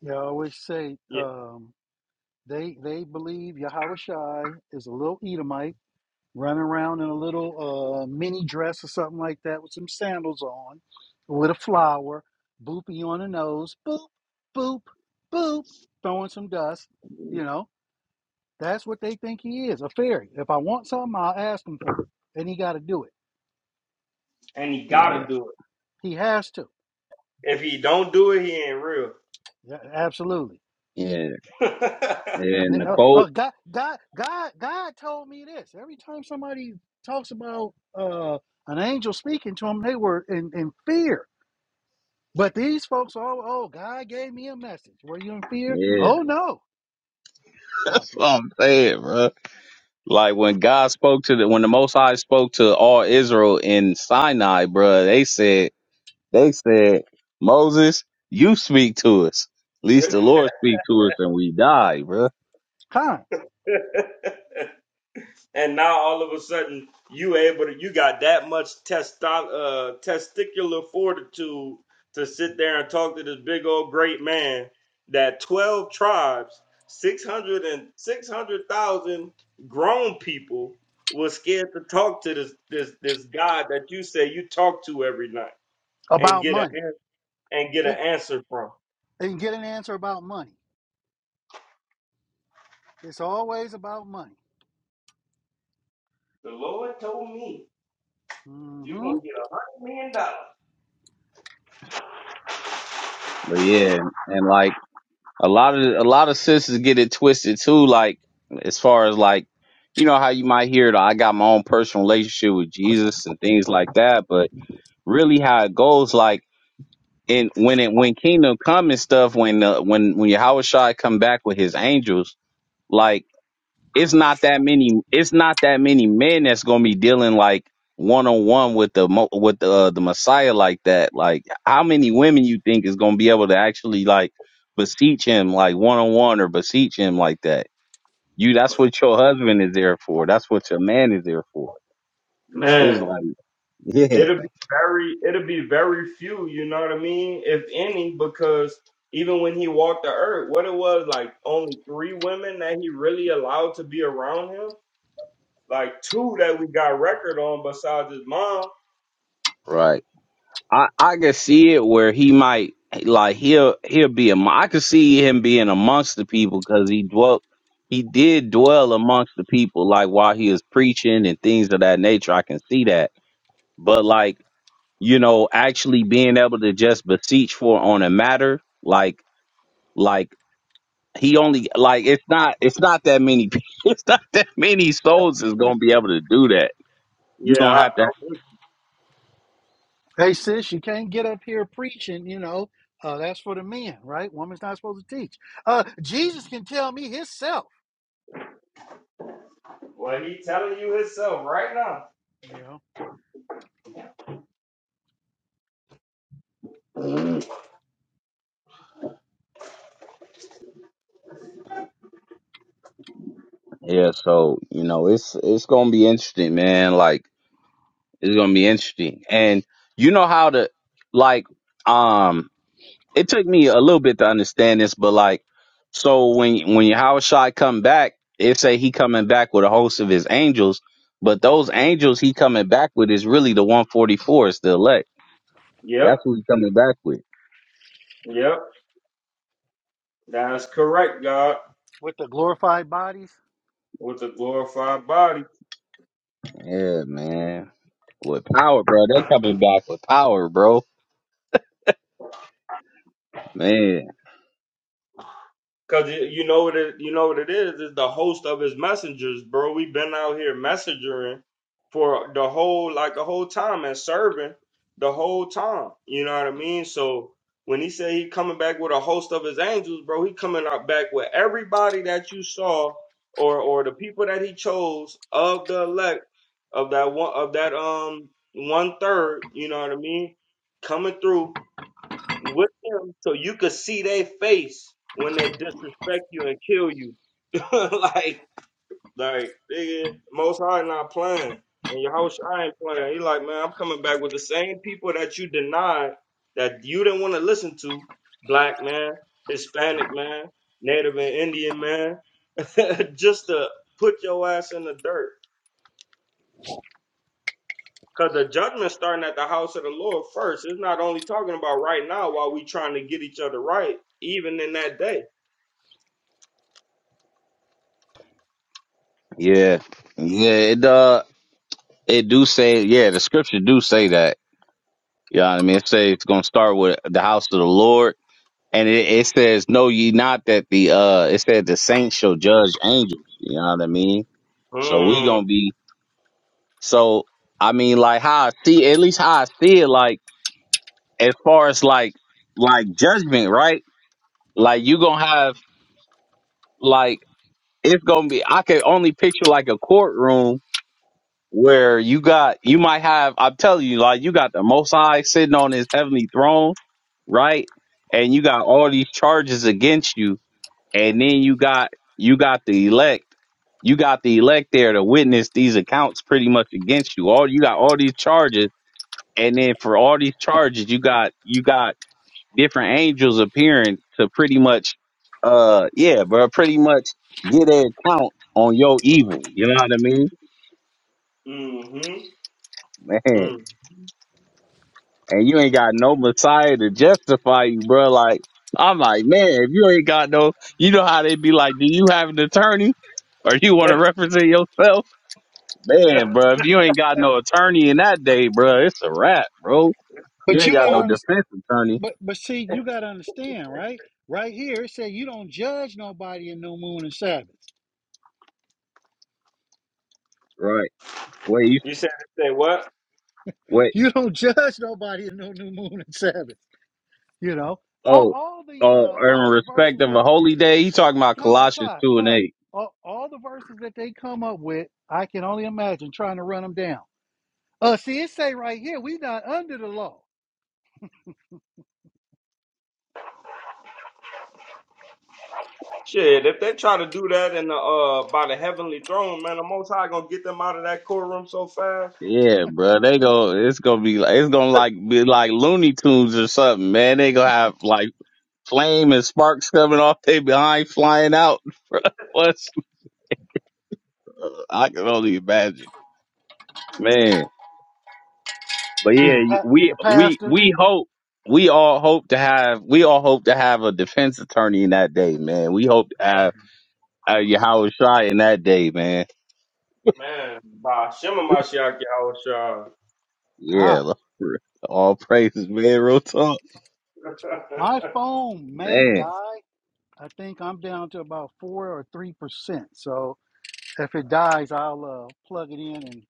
S3: They always say,
S2: yeah,
S3: um, They they believe Yahweh Shai is a little Edomite running around in a little uh, mini dress or something like that with some sandals on, with a flower, booping on the nose, boop, boop, boop, throwing some dust. You know, that's what they think he is, a fairy. If I want something, I'll ask him for it, and he got to do it.
S2: and he
S1: Yeah.
S2: gotta do it.
S3: He has to.
S2: If he don't do it, he ain't real.
S3: Yeah, absolutely.
S1: Yeah. And
S3: Uh,
S1: Nicole.
S3: uh, God, God, God, God told me this. Every time somebody talks about uh, an angel speaking to them, they were in, in fear. But these folks, are oh, God gave me a message. Were you in fear?
S1: Yeah.
S3: Oh no, it's
S1: That's
S3: Slocky.
S1: what I'm saying, bro. Like when God spoke to the when the most high spoke to all Israel in Sinai, bro, they said they said, Moses, you speak to us. At least the Lord speak to us and we die, bro.
S3: Time
S2: and now all of a sudden you able to you got that much testo- uh, testicular fortitude to sit there and talk to this big old great man that 12 tribes 600 and 600,000 grown people was scared to talk to this this this God that you say you talk to every night and
S3: about
S2: get an
S3: money.
S2: and get an
S3: It,
S2: answer from.
S3: and get an answer about money. It's always about money.
S2: The Lord told me. You're gonna
S3: hmm
S2: get a hundred million dollars.
S1: But yeah, and like a lot of a lot of sisters get it twisted too. Like as far as like you know how you might hear the I got my own personal relationship with Jesus and things like that, but really how it goes like in when it when kingdom come and stuff when the when when Yahweh Shai come back with his angels like it's not that many it's not that many men that's gonna be dealing like one on one with the mo with the uh, the Messiah like that. Like how many women you think is gonna be able to actually like beseech him like one on one or beseech him like that? You that's what your husband is there for. That's what your man is there for. It's
S2: Man,
S1: like yeah,
S2: it'll be very it'll be very few, you know what I mean? If any, because even when he walked the earth, what it was like only three women that he really allowed to be around him? Like two that we got record on besides his mom.
S1: right. I I can see it where he might like he'll he'll be am- I could see him being amongst the people because he dwelt he did dwell amongst the people like while he was preaching and things of that nature. I can see that, but like you know, actually being able to just beseech for on a matter like like he only like it's not it's not that many it's not that many souls is gonna be able to do that. You're
S2: Yeah,
S1: gonna
S2: I,
S1: have to
S2: I would.
S3: Hey sis, you can't get up here preaching. You know, uh, that's for the men, right? Woman's not supposed to teach. Uh, Jesus can tell me Himself.
S2: Well, he telling you himself right now.
S1: yeah. So you know, it's it's gonna be interesting, man. Like. It's gonna be interesting. And you know how to like um it took me a little bit to understand this, but like so when when Howard Shai come back, it say he coming back with a host of his angels, but those angels he coming back with is really the one forty four, is the elect.
S2: Yep,
S1: That's who he coming back with.
S2: yep, that's correct,
S3: But
S2: God,
S3: with the glorified bodies.
S2: with a glorified body.
S1: Yeah, man. With power, bro. They coming back with power, bro. Man.
S2: Cause you you know what it you know what it is is the host of his messengers, bro. We've been out here messengering for the whole like the whole time and serving the whole time. You know what I mean? So when he said he coming back with a host of his angels, bro, he coming out back with everybody that you saw or or the people that he chose of the elect of that one of that um one third. You know what I mean? Coming through with them so you could see their face when they disrespect you and kill you. like, like, nigga, Most High not playing. And your house, I ain't playing. He like, man, I'm coming back with the same people that you denied, that you didn't want to listen to. Black man, Hispanic man, Native and Indian man. Just to put your ass in the dirt. Because the judgment's starting at the house of the Lord first. It's not only talking about right now while we trying to get each other right, even in that day.
S1: Yeah. Yeah, it uh it do say yeah, the scripture do say that You know what I mean? It says it's gonna start with the house of the Lord, and it, it says, "Know ye not that the uh," it said, "The saints shall judge angels." You know what I mean? So we
S2: Mm.
S1: gonna be so. I mean, like how I see, at least how I see it, like as far as like like judgment, right? Like you gonna have like it's gonna be. I can only picture like a courtroom where you got you might have I'm telling you, like you got the most high sitting on his heavenly throne, right? And you got all these charges against you, and then you got you got the elect. You got the elect there to witness these accounts pretty much against you. All you got all these charges, and then for all these charges, you got you got different angels appearing to pretty much uh yeah, bro, pretty much get an account on your evil. You know what I mean?
S2: Mm-hmm.
S1: Man.
S2: Mm.
S1: and you ain't got no Messiah to justify you, bro. Like, I'm like, man, if you ain't got no, you know how they be like, do you have an attorney or you want to
S2: it's
S1: represent yourself? Man, bro, if you ain't got no attorney in that day, bro, it's a wrap, bro. You
S3: But
S1: ain't
S3: you
S1: got
S3: gotta
S1: no
S2: over.
S3: understand.
S1: defense attorney.
S3: But but see, you gotta understand, right? Right here, it said you don't judge nobody in new moon and Sabbath.
S1: Right. Wait, you,
S2: You said they say what?
S1: wait,
S3: You don't judge nobody in no new moon and Sabbath. You know, all,
S1: oh,
S3: all the
S1: oh,
S3: uh, all
S1: in
S3: the
S1: respect
S3: verses
S1: of
S3: that
S1: a holy day, you talking about
S3: God,
S1: Colossians
S3: God,
S1: 2 and
S3: God,
S1: 8.
S3: all, all the verses that they come up with, I can only imagine trying to run them down. Uh, see, it say right here, we not under the law.
S2: Shit, if they try to do that in the uh by the heavenly throne, man, the most high gonna get them out of that courtroom so fast.
S1: Yeah, bro, they go. It's gonna be like it's gonna like be like Looney Tunes or something, man. They gonna have like flame and sparks coming off they behind flying out. What's, I can only imagine, man. But
S3: See
S1: yeah,
S3: the
S1: you-
S3: pa-
S1: we
S3: the
S1: we
S3: pastor,
S1: we hope we all hope to have we all hope to have a defense attorney in that day, man. We hope to have uh, Yahweh Shai in that day, man.
S2: Man, by Shema Mashiach Yahushua.
S1: Yeah,
S3: time.
S1: Lord. all praises, man. Real talk,
S3: My phone may
S1: man.
S3: die, I think I'm down to about four or three percent. So if it dies, I'll uh, plug it in and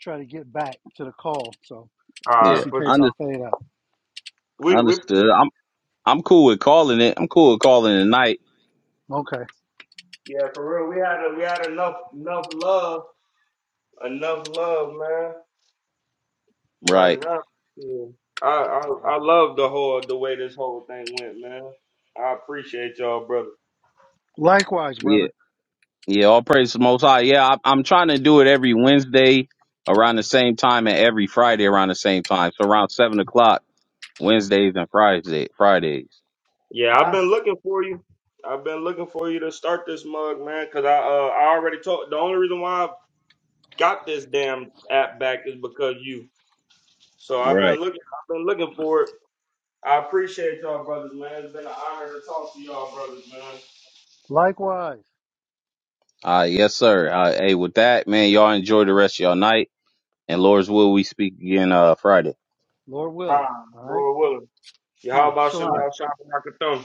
S3: try to get back to the call. So
S1: Yeah,
S3: just
S2: Alright,
S3: in
S2: for
S3: case I
S1: under,
S2: sure.
S3: fade out.
S2: We we
S1: understood. I'm I'm cool with calling it. I'm cool with calling it a night,
S3: Okay.
S2: yeah, for real. We had a, we had enough enough love. Enough love, man. Right
S1: right?
S2: now. Yeah. I, I I love the whole the way this whole thing went, man. I appreciate y'all, brother.
S3: Likewise, brother.
S1: Yeah, all praise to the Most High. Yeah, I, I'm trying to do it every Wednesday around the same time and every Friday around the same time. So around seven o'clock Wednesdays and Fridays. Fridays.
S2: Yeah, I've
S3: Kind.
S2: been looking for you. I've been looking for you to start this mug, man, because I uh, I already told the only reason why I got this damn app back is because you. So I've been
S1: Right.
S2: looking I've been looking for it. I appreciate y'all brothers, man. It's been an honor to talk to y'all brothers, man.
S3: Likewise.
S1: Uh, yes, sir. Uh, hey, with that, man, y'all enjoy the rest of y'all night. And Lord's will, we speak again uh Friday.
S3: Lord will.
S2: Time,
S3: All right.
S2: Lord willing. Y'all
S3: Kind.
S2: about some
S1: All right.
S3: Shalom.
S2: y'all shopping like a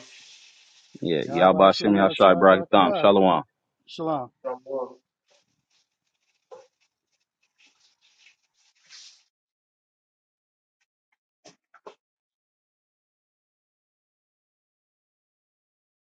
S1: Yeah.
S3: Yahweh
S1: Y'all Shem
S3: Shem
S1: Yahshai
S3: Yahshua
S1: Barack Thom.
S3: Barakatah.
S1: Shalom.
S3: Shalom.
S2: thumb.